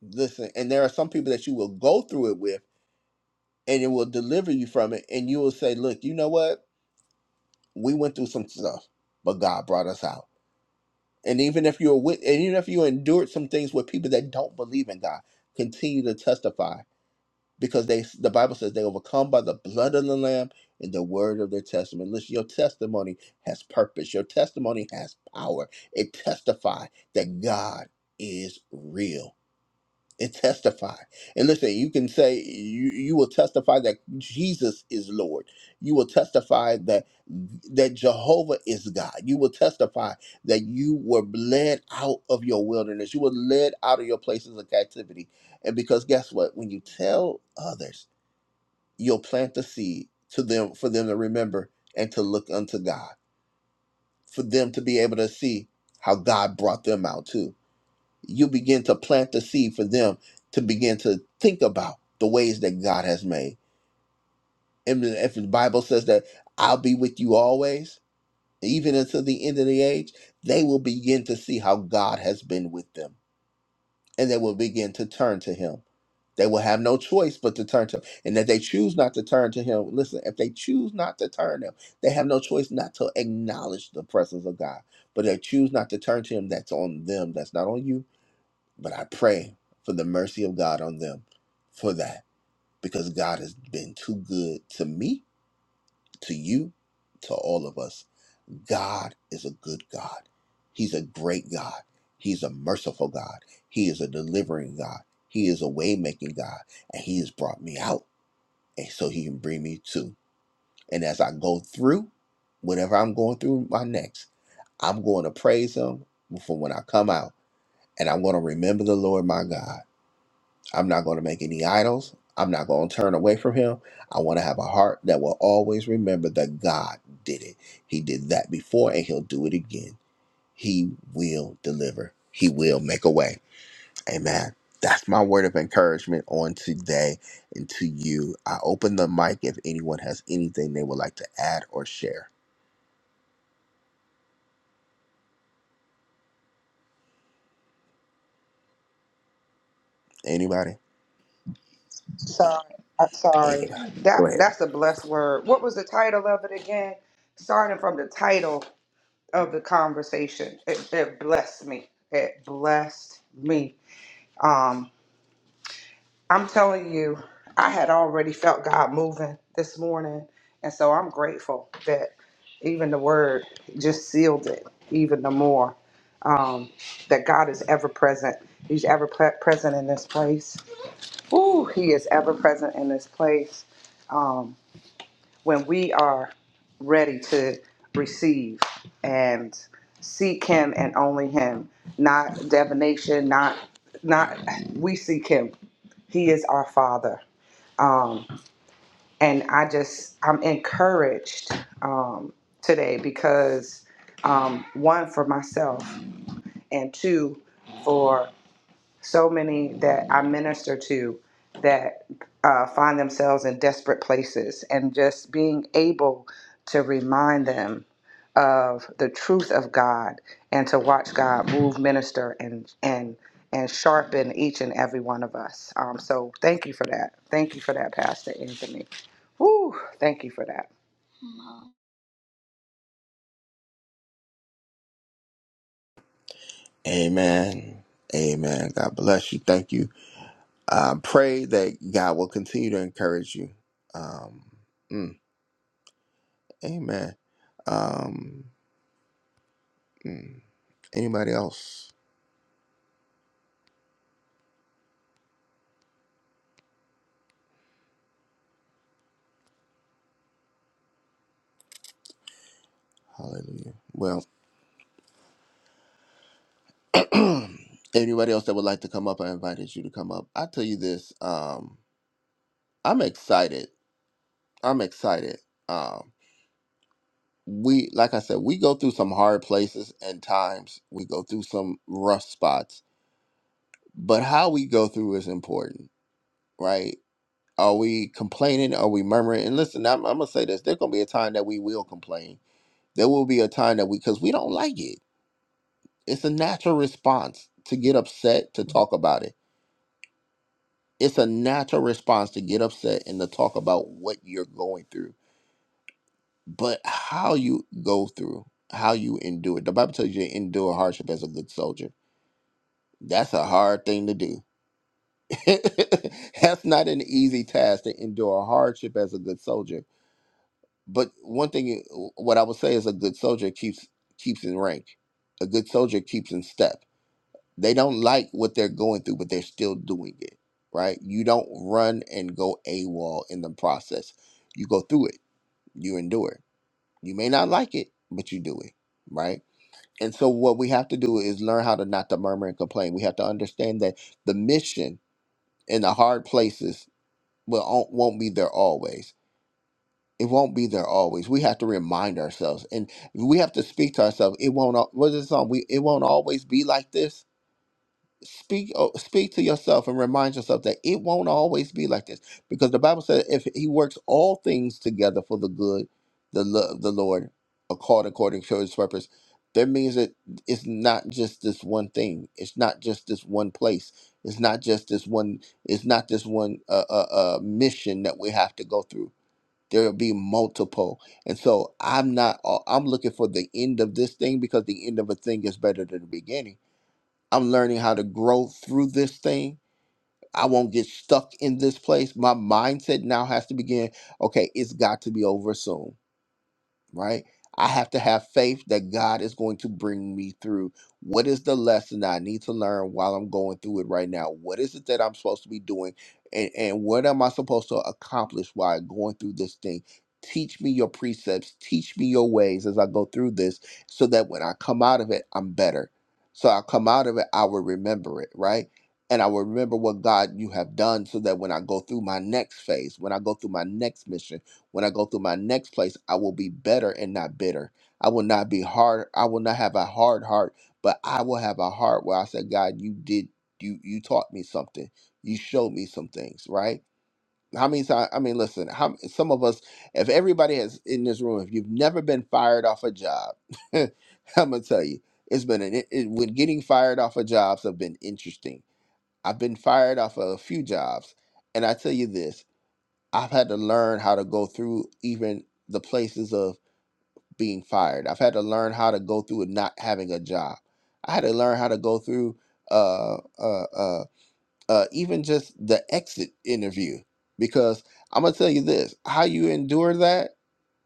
S1: Listen, and there are some people that you will go through it with and it will deliver you from it and you will say, "Look, you know what? We went through some stuff, but God brought us out." And even if you're with, and even if you endured some things with people that don't believe in God, continue to testify because they, the Bible says, they overcome by the blood of the Lamb and the word of their testimony. Listen, your testimony has purpose. Your testimony has power. It testifies that God is real and testify. And listen, you can say you, you will testify that Jesus is Lord. You will testify that that Jehovah is God. You will testify that you were led out of your wilderness. You were led out of your places of captivity. And because guess what? When you tell others, you'll plant the seed to them for them to remember and to look unto God, for them to be able to see how God brought them out too you begin to plant the seed for them to begin to think about the ways that God has made. And then if the Bible says that I'll be with you always, even until the end of the age, they will begin to see how God has been with them and they will begin to turn to Him. They will have no choice but to turn to Him. And if they choose not to turn to Him, listen, if they choose not to turn to Him, they have no choice not to acknowledge the presence of God. But if they choose not to turn to Him, that's on them, that's not on you but I pray for the mercy of God on them for that because God has been too good to me, to you, to all of us. God is a good God. He's a great God. He's a merciful God. He is a delivering God. He is a way making God. And He has brought me out. And so He can bring me too. And as I go through whatever I'm going through my next, I'm going to praise Him for when I come out. And I'm going to remember the Lord my God I'm not going to make any idols. I'm not going to turn away from him. I want to have a heart that will always remember that God did it. He did that before and he'll do it again. He will deliver, he will make a way. Amen. That's my word of encouragement on today and to you. I open the mic if anyone has anything they would like to add or share. Anybody?
S4: Sorry. I'm sorry.
S1: Anybody?
S4: That
S1: Go ahead.
S4: that's a blessed word. What was the title of it again? Starting from the title. of the conversation. It, it blessed me. It blessed me. Um, I'm telling you, I had already felt God moving this morning, and so I'm grateful that even the word just sealed it even the more. Um, that God is ever present. He's ever pre- present in this place. Ooh, He is ever present in this place. Um, when we are ready to receive and seek him and only him not divination not not we seek him he is our father um and i just i'm encouraged um today because um one for myself and two for so many that I minister to that uh, find themselves in desperate places, and just being able to remind them of the truth of God and to watch God move, minister, and and and sharpen each and every one of us. Um, so thank you for that. Thank you for that, Pastor Anthony. Woo! Thank you for that.
S1: Amen. Amen. God bless you. Thank you I pray that God will continue to encourage you. Um, mm, amen. Um, mm. anybody else? Hallelujah. Well, anybody else that would like to come up, I invited you to come up. I tell you this. Um, I'm excited. I'm excited. Um, we, like I said, we go through some hard places and times. We go through some rough spots, but how we go through is important, right? Are we complaining? Are we murmuring? And listen, I'm, I'm gonna say this: there's gonna be a time that we will complain. There will be a time that we, because we don't like it. It's a natural response to get upset to talk about it. It's a natural response to get upset and to talk about what you're going through. But how you go through, how you endure. it. The Bible tells you to endure hardship as a good soldier. That's a hard thing to do. That's not an easy task to endure hardship as a good soldier But one thing, what I would say is, a good soldier keeps keeps in rank. A good soldier keeps in step. They don't like what they're going through, but they're still doing it. Right? You don't run and go AWOL in the process. You go through it. You endure. You may not like it, but you do it. Right? And so, what we have to do is learn how to not to murmur and complain. We have to understand that the mission in the hard places will won't won't be there always it won't be there always. We have to remind ourselves, and we have to speak to ourselves. It won't. al- What is the song? We it won't always be like this. Speak, oh, speak to yourself, and remind yourself that it won't always be like this, because the Bible says if He works all things together for the good, the love the Lord, are called according to His purpose. That means that it's not just this one thing. It's not just this one place. It's not just this one. It's not this one uh, uh, uh, mission that we have to go through there'll be multiple and so i'm not uh, i'm looking for the end of this thing because the end of a thing is better than the beginning i'm learning how to grow through this thing i won't get stuck in this place my mindset now has to begin okay it's got to be over soon right? I have to have faith that God is going to bring me through. What is the lesson that I need to learn while I'm going through it right now? What is it that I'm supposed to be doing? And, and what am I supposed to accomplish while going through this thing? Teach me your precepts, teach me your ways as I go through this, so that when I come out of it, I'm better. So I come out of it, I will remember it, right? And I will remember what God you have done so that when I go through my next phase, when I go through my next mission, when I go through my next place, I will be better and not bitter. I will not be hard. I will not have a hard heart, but I will have a heart where I said, God, you did, you you taught me something. You showed me some things, right? How many times? I mean, listen. How some of us, if everybody has in this room, if you've never been fired off a job, I'm gonna tell you, it's been an it, it- when getting fired off of jobs have been interesting. I've been fired off of a few jobs, and I tell you this. I've had to learn how to go through even the places of being fired. I've had to learn how to go through and not having a job. I had to learn how to go through uh, uh, uh, uh, even just the exit interview because I'm gonna tell you this: how you endure that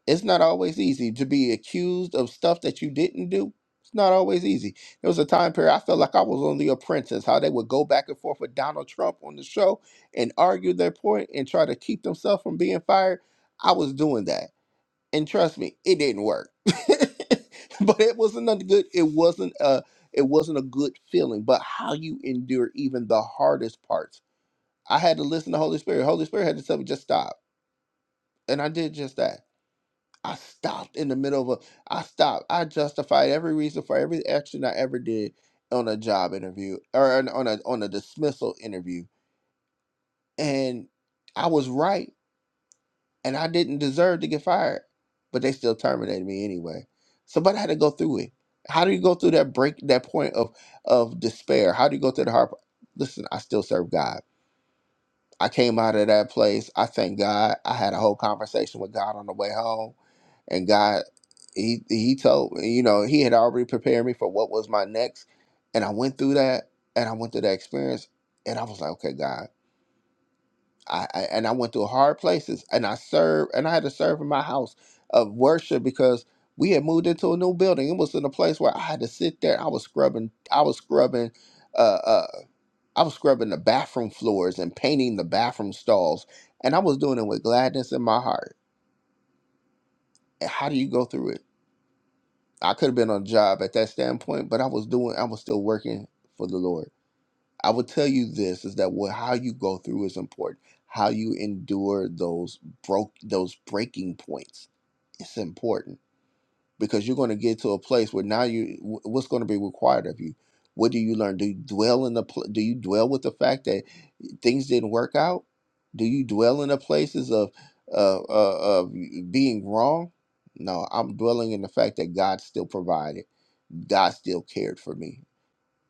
S1: it's not always easy to be accused of stuff that you didn't do. It's not always easy. There was a time period I felt like I was on The Apprentice, how they would go back and forth with Donald Trump on the show and argue their point and try to keep themselves from being fired. I was doing that. And trust me, it didn't work. but it wasn't a good it wasn't a it wasn't a good feeling. But how you endure even the hardest parts. I had to listen to Holy Spirit. Holy Spirit had to tell me just stop. And I did just that I stopped in the middle of a, I stopped. I justified every reason for every action I ever did on a job interview or on on a on a dismissal interview. And I was right and I didn't deserve to get fired, but they still terminated me anyway. So but I had to go through it. How do you go through that break that point of of despair? How do you go through the heart? Listen, I still serve God. I came out of that place. I thank God. I had a whole conversation with God on the way home, and God, he he told me, you know, he had already prepared me for what was my next, and I went through that, and I went through that experience, and I was like, okay, God. I, I and I went through hard places and I served and I had to serve in my house of worship because we had moved into a new building. It was in a place where I had to sit there. I was scrubbing I was scrubbing uh uh I was scrubbing the bathroom floors and painting the bathroom stalls and I was doing it with gladness in my heart. And how do you go through it? I could have been on a job at that standpoint, but I was doing I was still working for the Lord. I would tell you this is that what, how you go through is important. How you endure those broke those breaking points is important because you're going to get to a place where now you wh- what's going to be required of you. What do you learn? Do you dwell in the pl- do you dwell with the fact that things didn't work out? Do you dwell in the places of uh, uh, of being wrong? No, I'm dwelling in the fact that God still provided. God still cared for me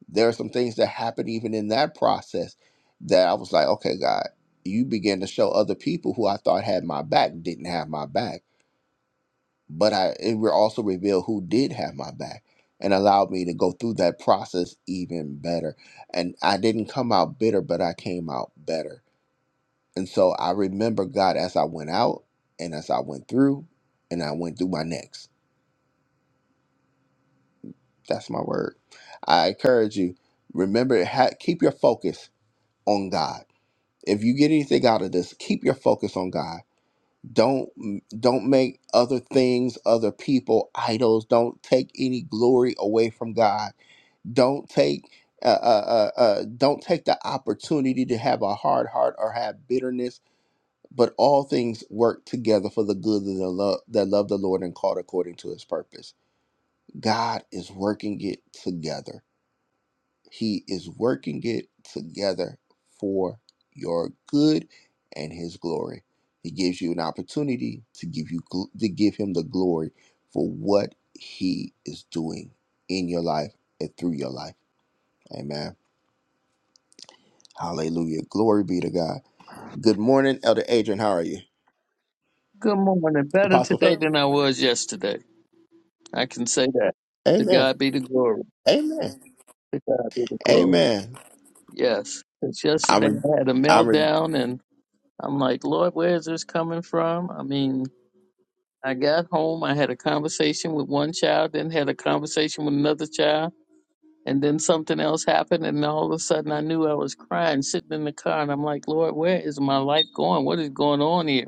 S1: there are some things that happen even in that process that I was like, okay, God, you began to show other people who I thought had my back didn't have my back, but I it were also revealed who did have my back and allowed me to go through that process even better. And I didn't come out bitter, but I came out better. And so I remember God as I went out and as I went through and I went through my next. That's my word. I encourage you, remember, ha- keep your focus on God if you get anything out of this keep your focus on god don't don't make other things other people idols don't take any glory away from god don't take uh, uh, uh, uh, don't take the opportunity to have a hard heart or have bitterness but all things work together for the good of the love that love the lord and called according to his purpose god is working it together he is working it together for your good and his glory. He gives you an opportunity to give you gl- to give him the glory for what he is doing in your life and through your life. Amen. Hallelujah. Glory be to God. Good morning, Elder Adrian. How are you?
S5: Good morning. Better
S1: Apostle
S5: today
S1: Phil.
S5: than I was yesterday. I can say that. To
S1: Amen.
S5: God be the glory.
S1: Amen.
S5: To God be the glory.
S1: Amen.
S5: Yes. Because
S1: I'm
S5: yesterday I
S1: re-
S5: had a
S1: I'm
S5: meltdown and I'm like, Lord, where is this coming from? I mean, I got home. I had a conversation with one child, then had a conversation with another child. And then something else happened. And all of a sudden I knew I was crying, sitting in the car. And I'm like, Lord, where is my life going? What is going on here?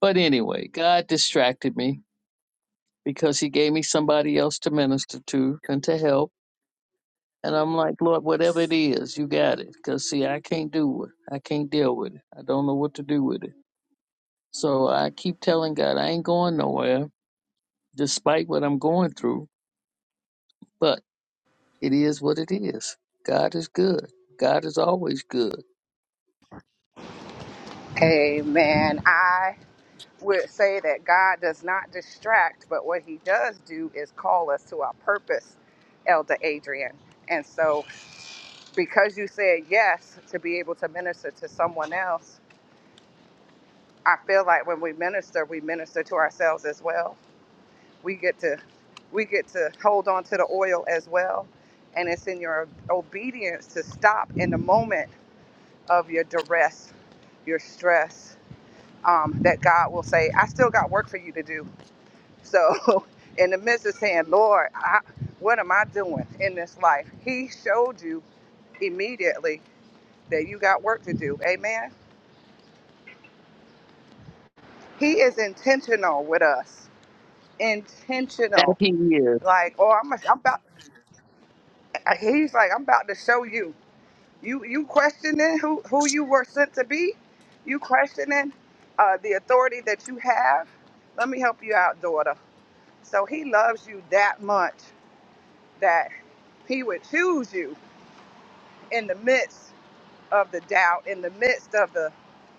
S5: But anyway, God distracted me because he gave me somebody else to minister to and to help. And I'm like, Lord, whatever it is, you got it. Because, see, I can't do it. I can't deal with it. I don't know what to do with it. So I keep telling God, I ain't going nowhere, despite what I'm going through. But it is what it is. God is good. God is always good.
S4: Amen. I would say that God does not distract, but what he does do is call us to our purpose, Elder Adrian. And so, because you said yes to be able to minister to someone else, I feel like when we minister, we minister to ourselves as well. We get to we get to hold on to the oil as well. And it's in your obedience to stop in the moment of your duress, your stress, um, that God will say, I still got work for you to do So, in the midst of saying, Lord, I, what am I doing in this life? He showed you immediately that you got work to do. Amen. He is intentional with us.
S5: That
S4: Intentional.
S5: He is.
S4: Like, oh, I'm, I'm about, he's like, I'm about to show you. You, you questioning who, who you were sent to be? You questioning uh, the authority that you have? Let me help you out, daughter. So he loves you that much that he would choose you in the midst. of the doubt, in the midst of the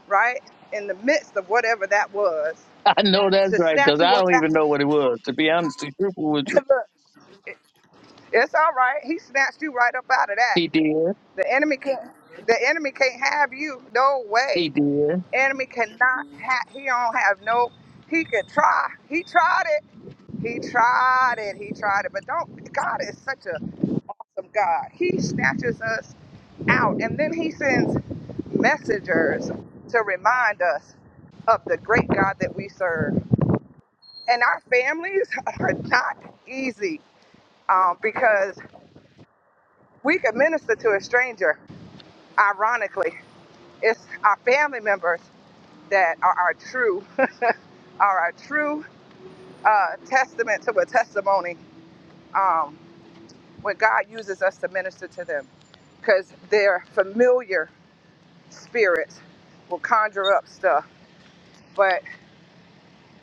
S4: right, in the midst of whatever that was,
S5: I know that's
S4: to
S5: right, because
S4: snatch you
S5: I
S4: up.
S5: don't
S4: Out.
S5: even know what it was. To be honest, to be truthful with you,
S4: it- It's all right. He snatched you right up out of that.
S5: He did.
S4: The enemy can't. The enemy can't have you. No way.
S5: He did.
S4: Enemy cannot have. He don't have no. He could try. He tried it. He tried it. He tried it. But don't. God is such a awesome God. He snatches us out, and then He sends messengers to remind us of the great God that we serve. and our families are not easy um, because we can minister to a stranger. Ironically, it's our family members that are our true, are our true uh, testament to a testimony um, when God uses us to minister to them, because their familiar spirits will conjure up stuff. But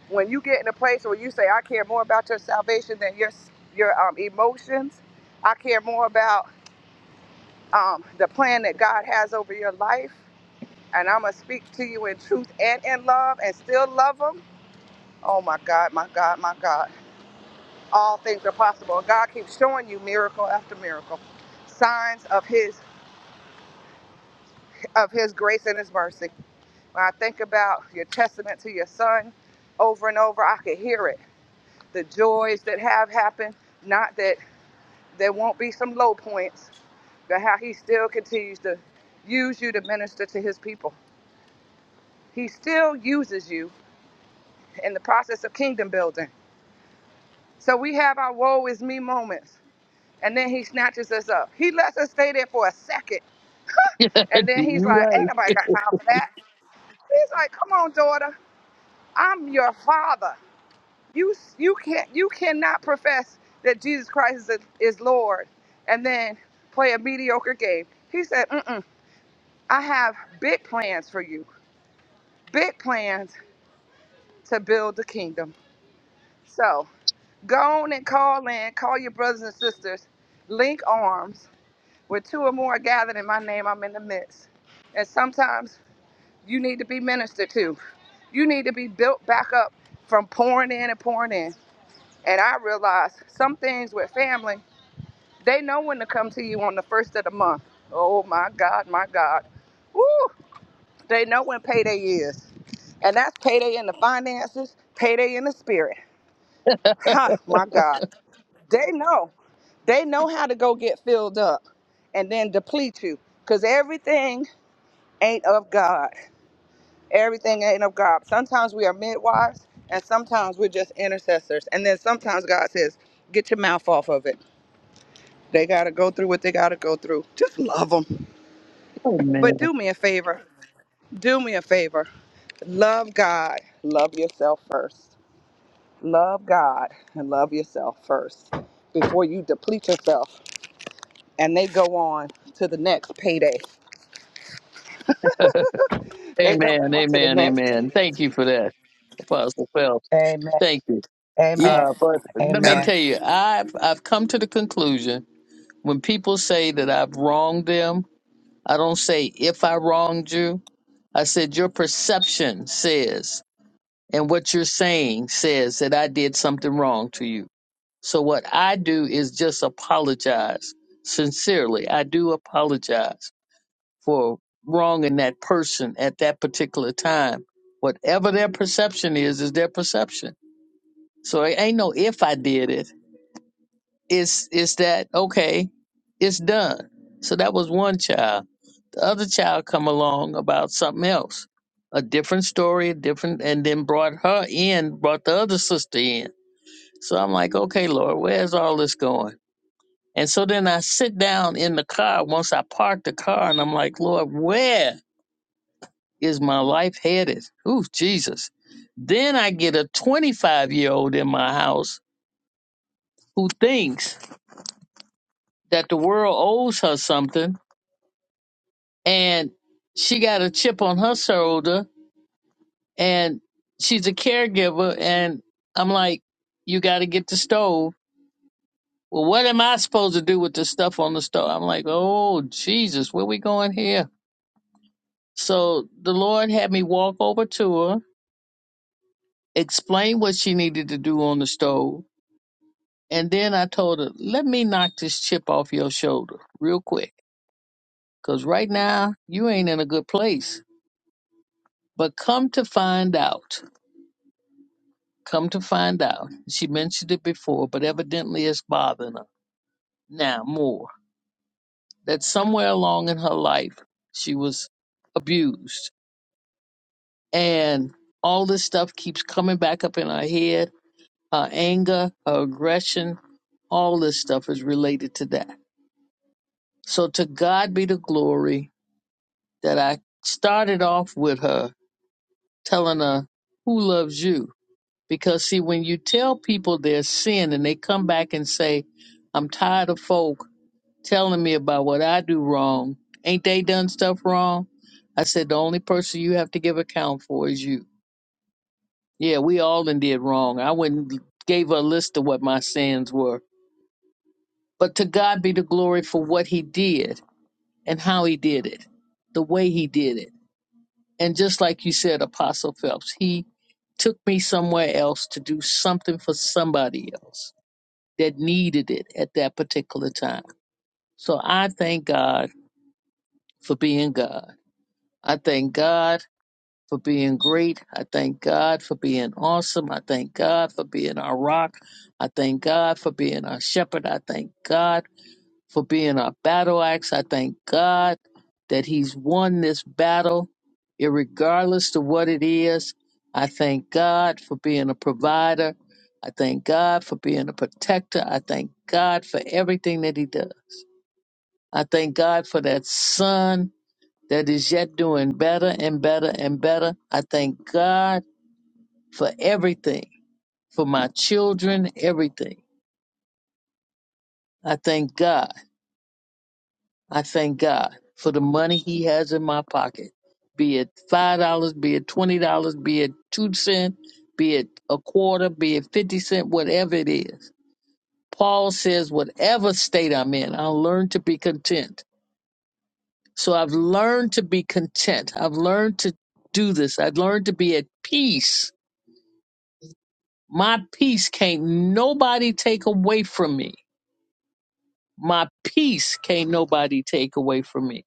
S4: when you get in a place where you say, "I care more about your salvation than your your um, emotions," I care more about um, the plan that God has over your life. And I'm going to speak to you in truth and in love and still love them. Oh my God, my God, my God. All things are possible. And God keeps showing you miracle after miracle, signs of His of His grace and His mercy. When I think about your testament to your son over and over, I could hear it. The joys that have happened, not that there won't be some low points, but how He still continues to use you to minister to His people. He still uses you in the process of kingdom building. So we have our woe is me moments, and then he snatches us up. He lets us stay there for a second, and then he's
S5: you
S4: like, "Ain't
S5: right.
S4: nobody got time for that." He's like, "Come on, daughter, I'm your father. You you can't you cannot profess that Jesus Christ is, is Lord, and then play a mediocre game." He said, "Mm-mm, I have big plans for you. Big plans to build the kingdom." So. Go on and call in. Call your brothers and sisters. Link arms. Where two or more are gathered in my name, I'm in the midst. And sometimes you need to be ministered to. You need to be built back up from pouring in and pouring in. And I realize some things with family, they know when to come to you on the first of the month. Oh my God, my God. Woo! They know when payday is. And that's payday in the finances, payday in the spirit. Ha, my God. They know. They know how to go get filled up and then deplete you because everything ain't of God. Everything ain't of God. Sometimes we are midwives and sometimes we're just intercessors. And then sometimes God says, get your mouth off of it. They got to go through what they got to go through. Just love them.
S5: Amen.
S4: But do me a favor. Do me a favor. Love God. Love yourself first. Love God and love yourself first before you deplete yourself and they go on to the next payday They go
S5: Amen,
S4: on to the
S5: amen,
S4: next page.
S5: amen. Thank you for that, Apostle Phelps.
S4: Amen.
S5: Thank you.
S4: Amen.
S5: Uh, but let
S1: re-
S5: me
S4: Amen.
S5: tell you, I've I've come to the conclusion when people say that I've wronged them, I don't say if I wronged you. I said your perception says, and what you're saying says that I did something wrong to you. So what I do is just apologize sincerely. I do apologize for wronging that person at that particular time. Whatever their perception is, is their perception. So it ain't no if I did it. It's it's that okay, it's done. So that was one child. The other child come along about something else. A different story, a different and then brought her in, brought the other sister in. So I'm like, okay, Lord, where's all this going? And so then I sit down in the car once I park the car and I'm like, Lord, where? is my life headed? Ooh, Jesus. Then I get a 25 year old in my house who thinks that the world owes her something and she got a chip on her shoulder and she's a caregiver. And I'm like, you got to get the stove. Well, what am I supposed to do with the stuff on the stove? I'm like, oh, Jesus, where we going here? So the Lord had me walk over to her, explain what she needed to do on the stove And then I told her, let me knock this chip off your shoulder real quick, 'cause right now, you ain't in a good place. But come to find out, come to find out, she mentioned it before, but evidently it's bothering her now more that somewhere along in her life, she was abused. And all this stuff keeps coming back up in her head her anger, her aggression, all this stuff is related to that. So to God be the glory that I started off with her telling her who loves you. Because see, when you tell people their sin and they come back and say, I'm tired of folk telling me about what I do wrong, ain't they done stuff wrong? I said, the only person you have to give account for is you. Yeah, we all done did wrong. I went and gave her a list of what my sins were. But to God be the glory for what he did and how he did it, the way he did it And just like you said, Apostle Phelps, he took me somewhere else to do something for somebody else that needed it at that particular time. So I thank God for being God. I thank God for being great. I thank God for being awesome. I thank God for being our rock. I thank God for being our shepherd. I thank God for being our battle axe. I thank God that He's won this battle, regardless to what it is. I thank God for being a provider. I thank God for being a protector. I thank God for everything that He does. I thank God for that Son that is yet doing better and better and better. I thank God for everything, for my children, everything. I thank God. I thank God for the money He has in my pocket, be it five dollars, be it twenty dollars, be it two cent, be it a quarter, be it fifty cent, whatever it is. Paul says, whatever state I'm in, I'll learn to be content. So I've learned to be content. I've learned to do this. I've learned to be at peace. My peace can't nobody take away from me. My peace can't nobody take away from me.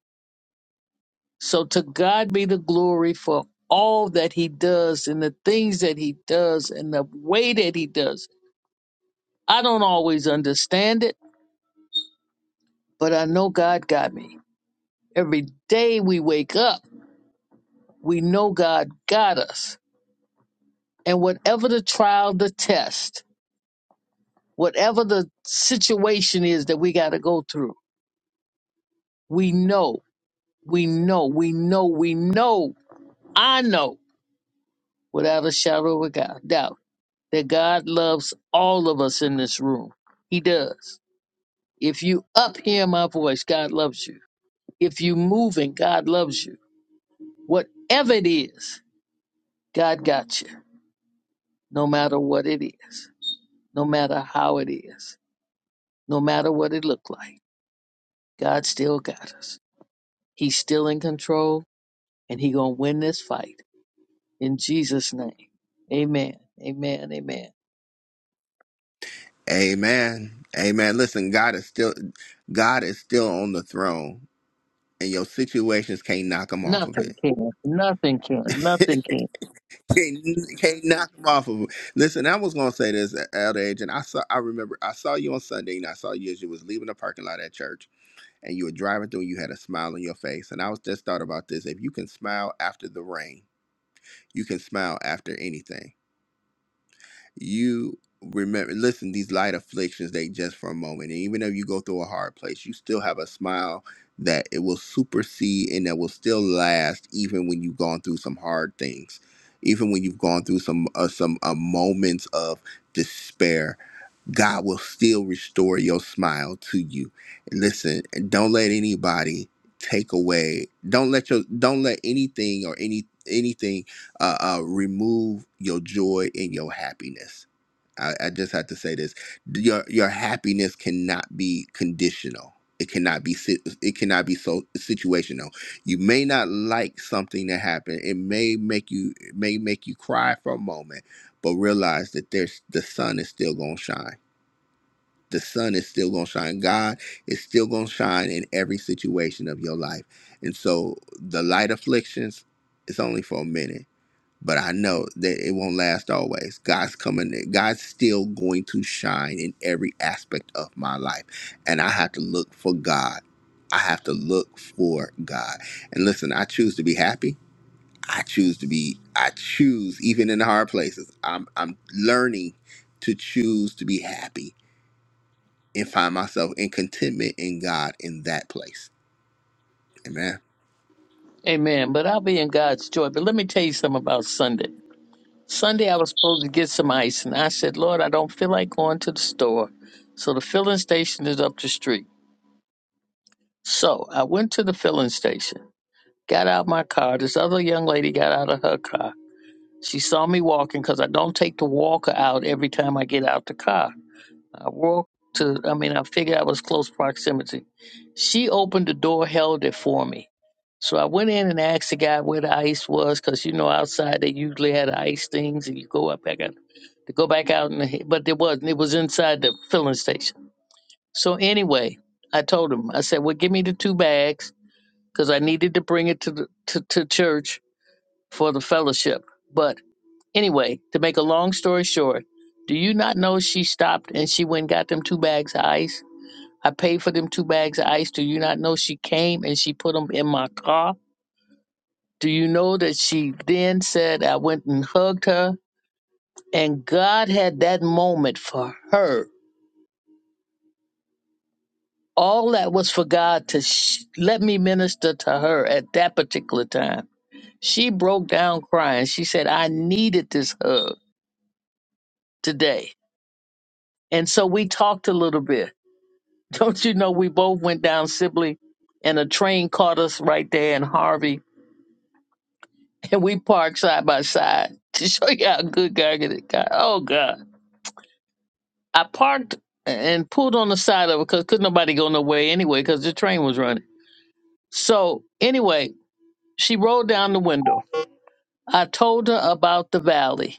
S5: So to God be the glory for all that he does and the things that he does and the way that he does. I don't always understand it, but I know God got me. Every day we wake up, we know God got us. And whatever the trial, the test, whatever the situation is that we got to go through, we know, we know, we know, we know, I know without a shadow of a doubt that God loves all of us in this room. He does. If you up hear my voice, God loves you. If you moving, God loves you. Whatever it is, God got you. No matter what it is, no matter how it is, no matter what it looked like, God still got us. He's still in control, and He gonna win this fight in Jesus' name. Amen. Amen. Amen.
S1: Amen. Amen. Listen, God is still God is still on the throne, and your situations can't knock him off of
S5: Nothing
S1: it.
S5: can. Nothing can. Nothing can.
S1: Can't, can't knock him off of it. Listen, I was gonna say this, Elder Agent. I saw. I remember. I saw you on Sunday, and I saw you as you was leaving the parking lot at church, and you were driving through. and You had a smile on your face, and I was just thought about this. If you can smile after the rain, you can smile after anything. you remember listen these light afflictions they just for a moment and even if you go through a hard place you still have a smile that it will supersede and that will still last even when you've gone through some hard things even when you've gone through some uh, some uh, moments of despair God will still restore your smile to you. And listen, and don't let anybody take away. Don't let your don't let anything or any anything uh, uh, remove your joy and your happiness. I, I just have to say this: your your happiness cannot be conditional. It cannot be si- it cannot be so situational. You may not like something that happened. It may make you it may make you cry for a moment, but realize that there's the sun is still gonna shine the sun is still going to shine. God is still going to shine in every situation of your life. And so the light afflictions, it's only for a minute, but I know that it won't last always. God's coming, God's still going to shine in every aspect of my life. And I have to look for God. I have to look for God. And listen, I choose to be happy. I choose to be, I choose even in the hard places. I'm, I'm learning to choose to be happy and find myself in contentment in God in that place. Amen.
S5: Amen. But I'll be in God's joy. But let me tell you something about Sunday. Sunday, I was supposed to get some ice, and I said, Lord, I don't feel like going to the store. So the filling station is up the street. So I went to the filling station, got out my car. This other young lady got out of her car. She saw me walking because I don't take the walker out every time I get out the car. I walked to, I mean, I figured I was close proximity. She opened the door, held it for me. So I went in and asked the guy where the ice was, 'cause you know, outside they usually had ice things and you go up back out to go back out, in the, but there wasn't. It was inside the filling station. So anyway, I told him, I said, well, give me the two bags, cause I needed to bring it to, the, to, to church for the fellowship. But anyway, to make a long story short, do you not know she stopped and she went and got them two bags of ice? I paid for them two bags of ice. Do you not know she came and she put them in my car? Do you know that she then said I went and hugged her? And God had that moment for her. All that was for God to sh- let me minister to her at that particular time. She broke down crying. She said, I needed this hug today. And so we talked a little bit. Don't you know, we both went down Sibley and a train caught us right there in Harvey and we parked side by side to show you how good God is. God, oh God, I parked and pulled on the side of it because could not nobody go nowhere anyway because the train was running. So anyway, she rolled down the window. I told her about the valley.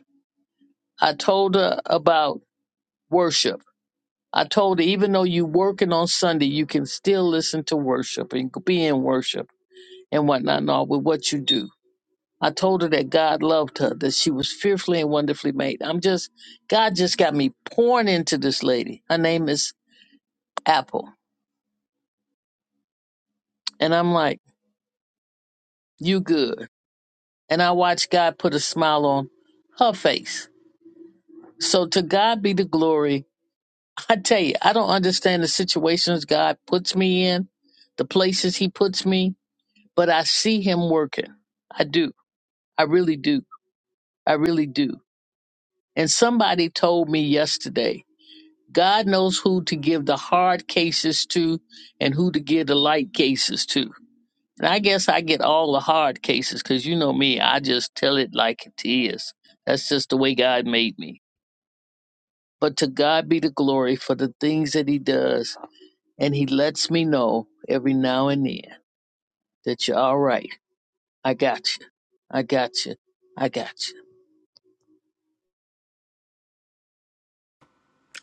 S5: I told her about worship. I told her even though you working on Sunday, you can still listen to worship and be in worship and whatnot and all with what you do. I told her that God loved her, that she was fearfully and wonderfully made. I'm just, God just got me pouring into this lady. Her name is Apple. And I'm like, you good. And I watched God put a smile on her face. So to God be the glory. I tell you, I don't understand the situations God puts me in, the places He puts me, but I see Him working. I do. I really do. I really do. And somebody told me yesterday God knows who to give the hard cases to and who to give the light cases to. And I guess I get all the hard cases because you know me, I just tell it like it is. That's just the way God made me. But to God be the glory for the things that He does. And He lets me know every now and then that you're all right. I got you. I got you. I got you.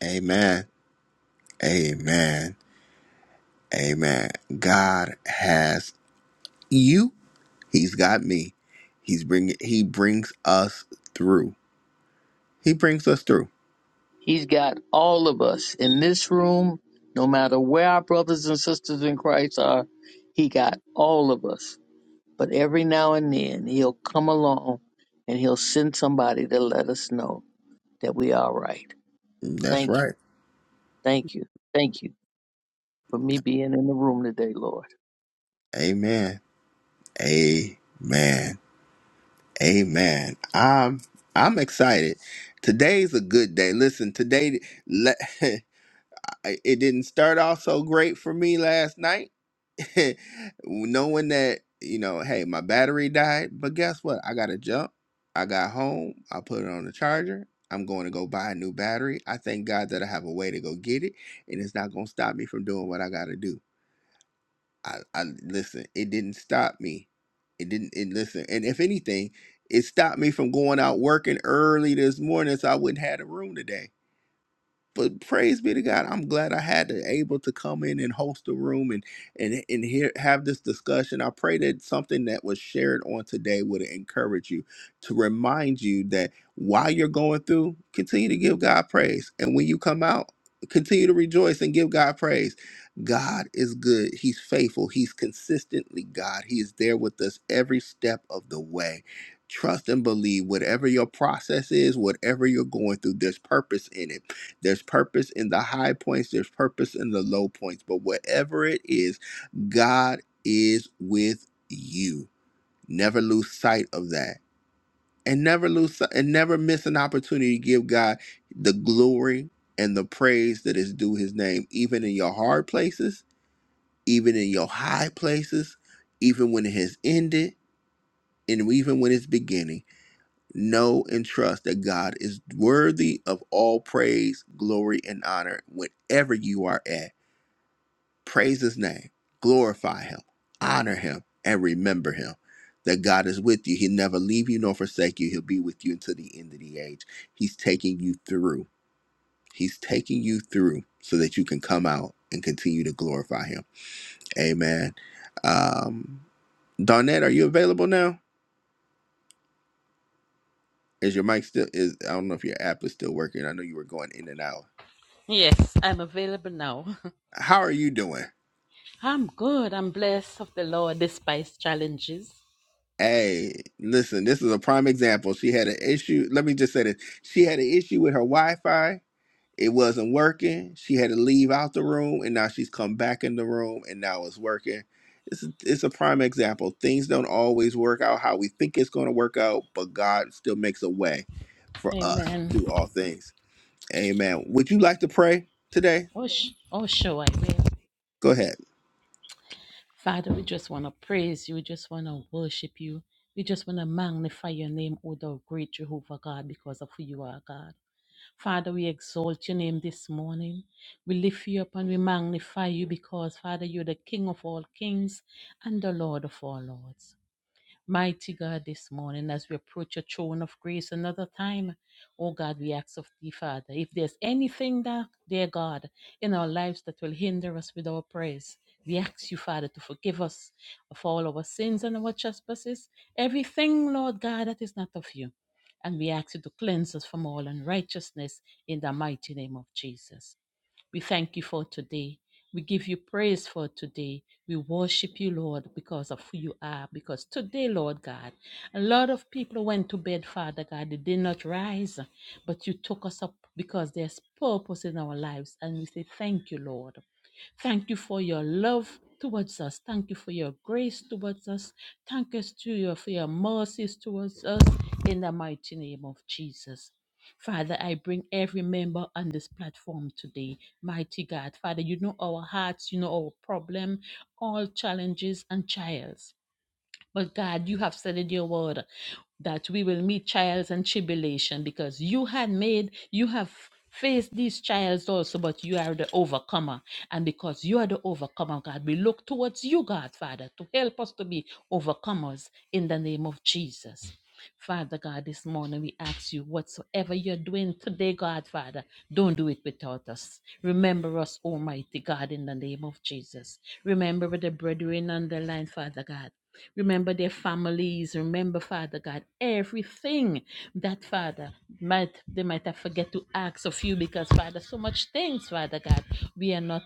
S1: Amen. Amen. Amen. God has you. He's got me. He's bring he brings us through. He brings us through.
S5: He's got all of us in this room, no matter where our brothers and sisters in Christ are, He got all of us But every now and then he'll come along and he'll send somebody to let us know that we are right.
S1: That's
S5: Thank you,
S1: right.
S5: thank you, thank you for me being in the room today, Lord.
S1: Amen. Amen. Amen. I'm I'm excited. Today's a good day. Listen, today le- it didn't start off so great for me last night knowing that you know hey my battery died but guess what i got a jump i got home i put it on the charger i'm going to go buy a new battery i thank god that i have a way to go get it and it's not going to stop me from doing what i got to do I, I listen it didn't stop me it didn't it listen and if anything it stopped me from going out working early this morning so i wouldn't have a room today but praise be to God. I'm glad I had to able to come in and host the room and and and here have this discussion. I pray that something that was shared on today would encourage you to remind you that while you're going through, continue to give God praise. And when you come out, continue to rejoice and give God praise. God is good. He's faithful. He's consistently God. He is there with us every step of the way. Trust and believe whatever your process is, whatever you're going through, there's purpose in it there's purpose in the high points, there's purpose in the low points. But whatever it is, God is with you. Never lose sight of that. And never lose si- and never miss an opportunity to give God the glory and the praise that is due his name, even in your hard places, even in your high places, even when it has ended, and even when it's beginning know and trust that God is worthy of all praise, glory, and honor whenever you are at. Praise his name, glorify him, honor him, and remember him. That God is with you. He'll never leave you nor forsake you. He'll be with you until the end of the age. He's taking you through. He's taking you through so that you can come out and continue to glorify him. Amen. Um, Darnett, are you available now? Is your mic still is I don't know if your app is still working. I know you were going in and out.
S6: Yes, I'm available now.
S1: How are you doing?
S6: I'm good. I'm blessed of the Lord despite challenges.
S1: Hey, listen, this is a prime example. She had an issue. Let me just say this. She had an issue with her Wi Fi. It wasn't working. She had to leave out the room, and now she's come back in the room, and now it's working. It's a, it's a prime example. Things don't always work out how we think it's going to work out, but God still makes a way for us
S6: Amen.
S1: through all things. Amen. Would you like to pray today?
S6: Oh, sh- oh sure, I will.
S1: Go ahead.
S6: Father, we just want to praise you. We just want to worship you. We just want to magnify your name, O thou great Jehovah God, because of who you are, God. Father, we exalt your name this morning. We lift you up and we magnify you because, Father, you're the King of all kings and the Lord of all lords. Mighty God, this morning, as we approach your throne of grace another time, oh God, we ask of thee, Father, if there's anything that, dear God, in our lives that will hinder us with our prayers, we ask you, Father, to forgive us of all our sins and our trespasses, everything, Lord God, that is not of you. And we ask you to cleanse us from all unrighteousness in the mighty name of Jesus. We thank you for today. We give you praise for today. We worship you, Lord, because of who you are. Because today, Lord God, a lot of people went to bed, Father God. They did not rise, but you took us up because there's purpose in our lives. And we say, Thank you, Lord. Thank you for your love towards us. Thank you for your grace towards us. Thank us to you for your mercies towards us in the mighty name of Jesus. Father, I bring every member on this platform today. Mighty God, Father, you know our hearts, you know our problem, all challenges and trials. But God, you have said in your word that we will meet trials and tribulation because you had made, you have faced these trials also, but you are the overcomer. And because you are the overcomer, God, we look towards you, God, Father, to help us to be overcomers in the name of Jesus. Father God, this morning we ask you, whatsoever you're doing today, God, Father, don't do it without us. Remember us, Almighty God, in the name of Jesus. Remember the brethren on the line, Father God. Remember their families. Remember, Father God, everything that, Father, might they might have forget to ask of you because, Father, so much things, Father God, we are not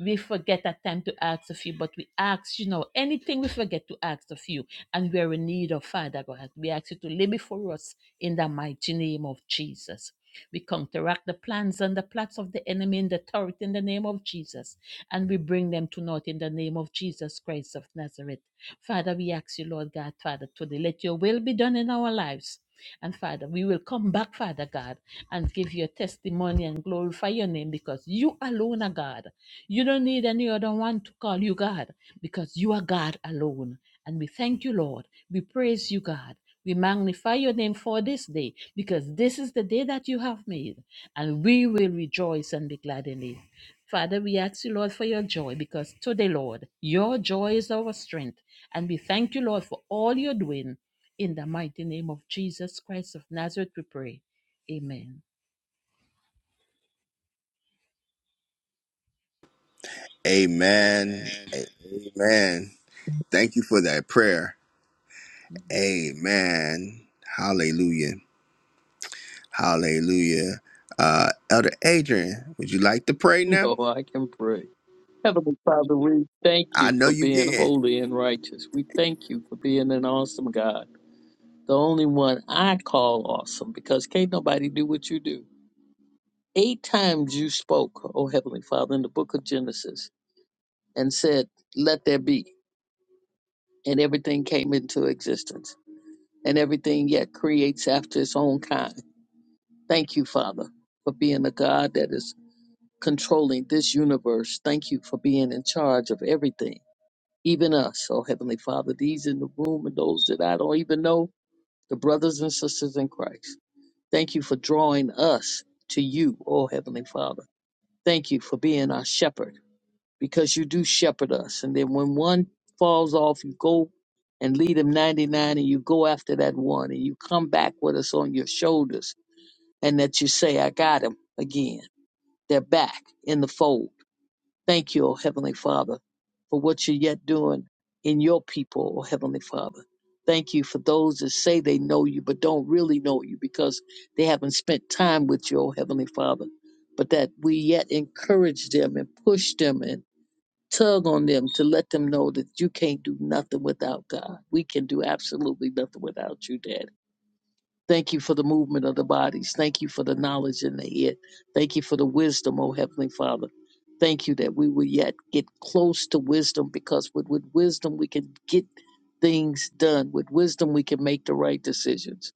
S6: we forget at time to ask of you, but we ask, you know, anything we forget to ask of you, and we're in need of Father God. We ask you to lay before us in the mighty name of Jesus. We counteract the plans and the plots of the enemy in the turret in the name of Jesus, and we bring them to naught in the name of Jesus Christ of Nazareth. Father, we ask you, Lord God, Father, today, let your will be done in our lives and Father, we will come back, Father God, and give you a testimony and glorify your name because you alone are God. You don't need any other one to call you God because you are God alone. And we thank you, Lord. We praise you, God. We magnify your name for this day because this is the day that you have made, and we will rejoice and be glad in it. Father, we ask you, Lord, for your joy because today, Lord, your joy is our strength. And we thank you, Lord, for all you're doing in the mighty name of Jesus Christ of Nazareth, we pray. Amen.
S1: Amen.
S6: Amen.
S1: Amen. Thank you for that prayer. Amen. Hallelujah. Hallelujah. Uh, Elder Adrian, would you like to pray now?
S5: No, I can pray. Heavenly Father, we thank
S1: I
S5: you
S1: know
S5: for
S1: you
S5: being
S1: can.
S5: holy and righteous. We thank you for being an awesome God. The only one I call awesome because can't nobody do what you do. Eight times you spoke, oh Heavenly Father, in the book of Genesis and said, Let there be. And everything came into existence. and everything yet creates after its own kind. Thank you, Father, for being a God that is controlling this universe. Thank you for being in charge of everything, even us, oh Heavenly Father, these in the room and those that I don't even know, the brothers and sisters in Christ. Thank you for drawing us to you, oh Heavenly Father. Thank you for being our shepherd because you do shepherd us. And then when one falls off, you go and lead him 99 and you go after that one and you come back with us on your shoulders and that you say, I got him again. They're back in the fold. Thank you, O Heavenly Father, for what you're yet doing in your people, O Heavenly Father. Thank you for those that say they know you but don't really know you because they haven't spent time with you, O Heavenly Father. But that we yet encourage them and push them and tug on them to let them know that you can't do nothing without God. We can do absolutely nothing without you, Dad. Thank you for the movement of the bodies. Thank you for the knowledge in the head. Thank you for the wisdom, O Heavenly Father. Thank you that we will yet get close to wisdom because with, with wisdom we can get things done. With wisdom we can make the right decisions.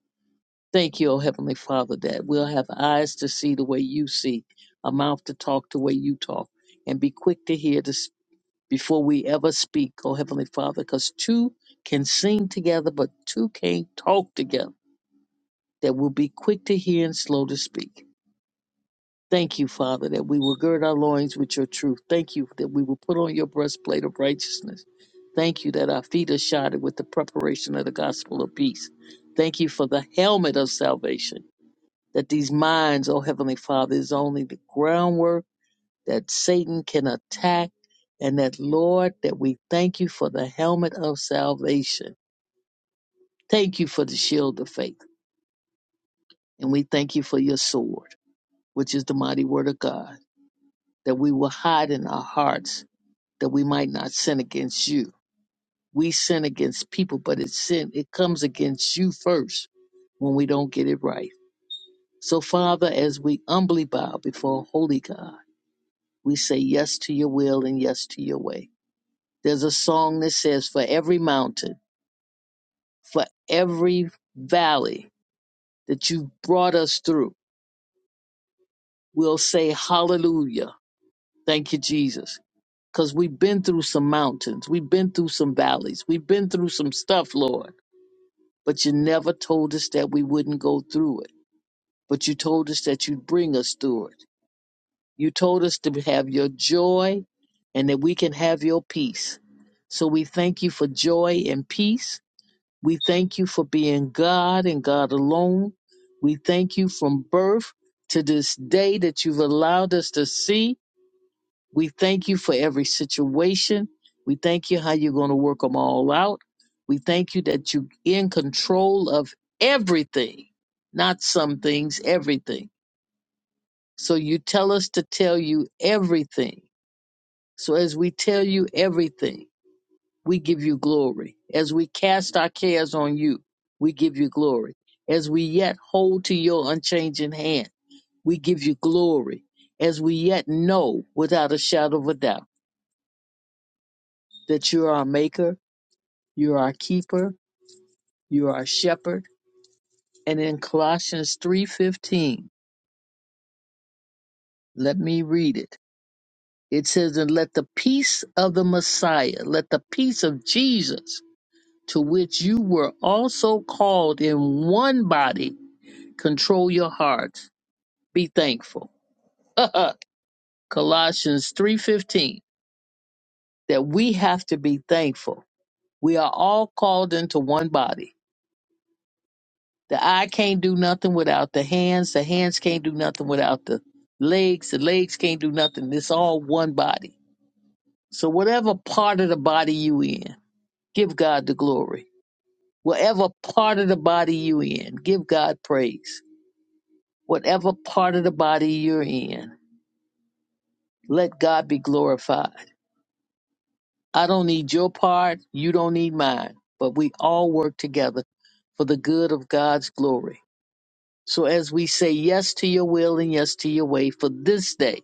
S5: Thank you, O Heavenly Father, that we'll have eyes to see the way you see, a mouth to talk the way you talk, and be quick to hear the before we ever speak, oh Heavenly Father, because two can sing together, but two can't talk together, that we'll be quick to hear and slow to speak. Thank you, Father, that we will gird our loins with your truth. Thank you that we will put on your breastplate of righteousness. Thank you that our feet are shodded with the preparation of the gospel of peace. Thank you for the helmet of salvation, that these minds, oh Heavenly Father, is only the groundwork that Satan can attack. And that, Lord, that we thank you for the helmet of salvation. Thank you for the shield of faith. And we thank you for your sword, which is the mighty word of God, that we will hide in our hearts that we might not sin against you. We sin against people, but it's sin. It comes against you first when we don't get it right. So, Father, as we humbly bow before Holy God, we say yes to your will and yes to your way. There's a song that says, For every mountain, for every valley that you brought us through. We'll say hallelujah. Thank you, Jesus. Because we've been through some mountains, we've been through some valleys, we've been through some stuff, Lord. But you never told us that we wouldn't go through it. But you told us that you'd bring us through it. You told us to have your joy and that we can have your peace. So we thank you for joy and peace. We thank you for being God and God alone. We thank you from birth to this day that you've allowed us to see. We thank you for every situation. We thank you how you're going to work them all out. We thank you that you're in control of everything, not some things, everything. So you tell us to tell you everything. So as we tell you everything, we give you glory. As we cast our cares on you, we give you glory. As we yet hold to your unchanging hand, we give you glory. As we yet know without a shadow of a doubt that you are our maker, you are our keeper, you are our shepherd. And in Colossians 3:15, let me read it. It says, "And let the peace of the Messiah, let the peace of Jesus, to which you were also called in one body, Control your hearts. Be thankful. Colossians 3:15 that we have to be thankful. We are all called into one body. The eye can't do nothing without the hands, the hands can't do nothing without the legs, the legs can't do nothing. It's all one body. So whatever part of the body you in, give God the glory. Whatever part of the body you in, give God praise. Whatever part of the body you're in, let God be glorified I don't need your part, you don't need mine, but we all work together for the good of God's glory. So as we say yes to your will and yes to your way for this day,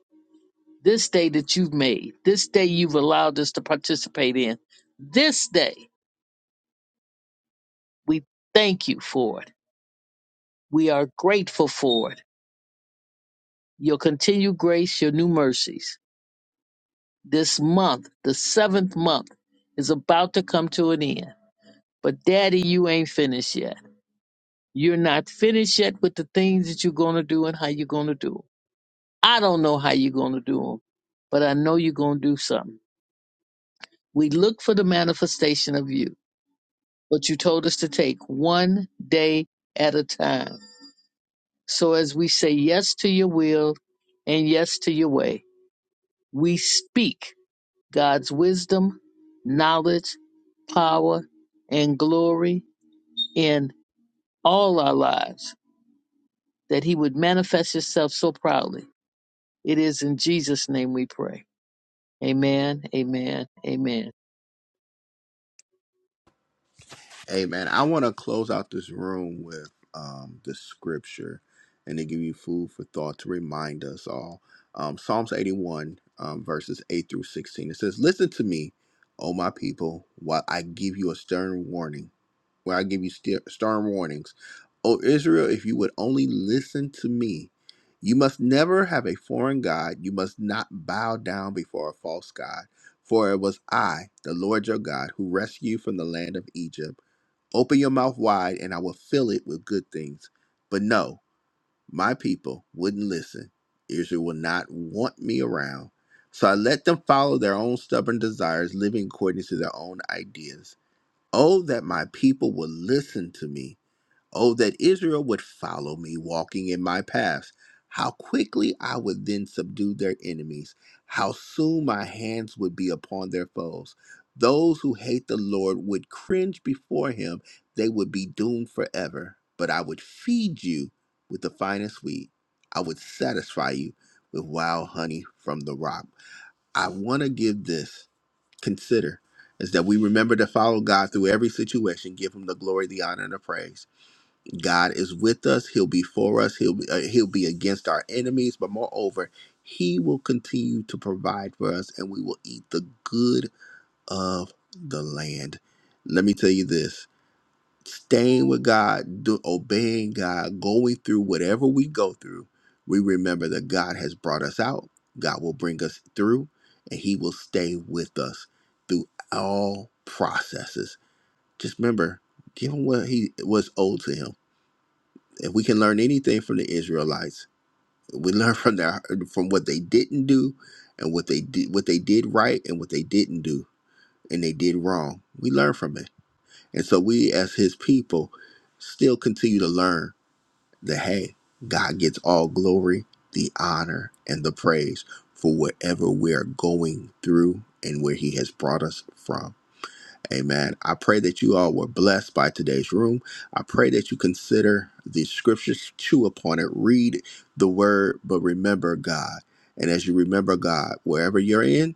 S5: this day that you've made, this day you've allowed us to participate in, this day, we thank you for it. We are grateful for it. Your continued grace, your new mercies. This month, the seventh month, is about to come to an end. But Daddy, you ain't finished yet You're not finished yet with the things that you're going to do and how you're going to do 'em. I don't know how you're going to do them, but I know you're going to do something. We look for the manifestation of you, but you told us to take one day at a time. So as we say yes to your will and yes to your way, we speak God's wisdom, knowledge, power, and glory in all our lives that he would manifest himself so proudly It is in Jesus' name we pray. Amen, amen, amen.
S1: Amen. I want to close out this room with um, the scripture and to give you food for thought to remind us all. Um, Psalms 81, um, verses 8 through 16. It says, Listen to me, O my people, while I give you a stern warning, while I give you ster- stern warnings. O Israel, if you would only listen to me, you must never have a foreign God. You must not bow down before a false God. For it was I, the Lord your God, who rescued you from the land of Egypt Open your mouth wide, and I will fill it with good things. But no, my people wouldn't listen. Israel will not want me around. So I let them follow their own stubborn desires, living according to their own ideas. Oh, that my people would listen to me Oh, that Israel would follow me, walking in my paths. How quickly I would then subdue their enemies. How soon my hands would be upon their foes. Those who hate the Lord would cringe before him. They would be doomed forever. But I would feed you with the finest wheat. I would satisfy you with wild honey from the rock. I want to give this, consider, is that we remember to follow God through every situation, give him the glory, the honor, and the praise. God is with us. He'll be for us. He'll be, uh, he'll be against our enemies. But moreover, He will continue to provide for us, and we will eat the good of the land. Let me tell you this: staying with God, do, obeying God, going through whatever we go through, we remember that God has brought us out. God will bring us through, and He will stay with us through all processes. Just remember, give Him what He was owed to Him if we can learn anything from the Israelites, we learn from their from what they didn't do and what they did what they did right and what they didn't do and they did wrong. We learn from it. And so we as his people still continue to learn that hey, God gets all glory, the honor, and the praise for whatever we're going through and where he has brought us from. Amen. I pray that you all were blessed by today's room. I pray that you consider the scriptures, chew upon it, read the word, but remember God. And as you remember God, wherever you're in,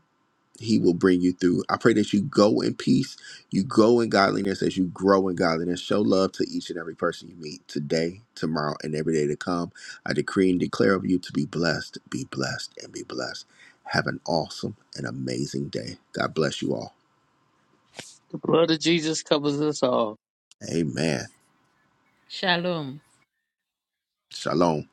S1: He will bring you through. I pray that you go in peace, you go in godliness as you grow in godliness. Show love to each and every person you meet today, tomorrow, and every day to come. I decree and declare of you to be blessed, be blessed, and be blessed. Have an awesome and amazing day. God bless you all.
S5: The blood of Jesus covers us all.
S1: Amen.
S6: Shalom.
S1: Shalom.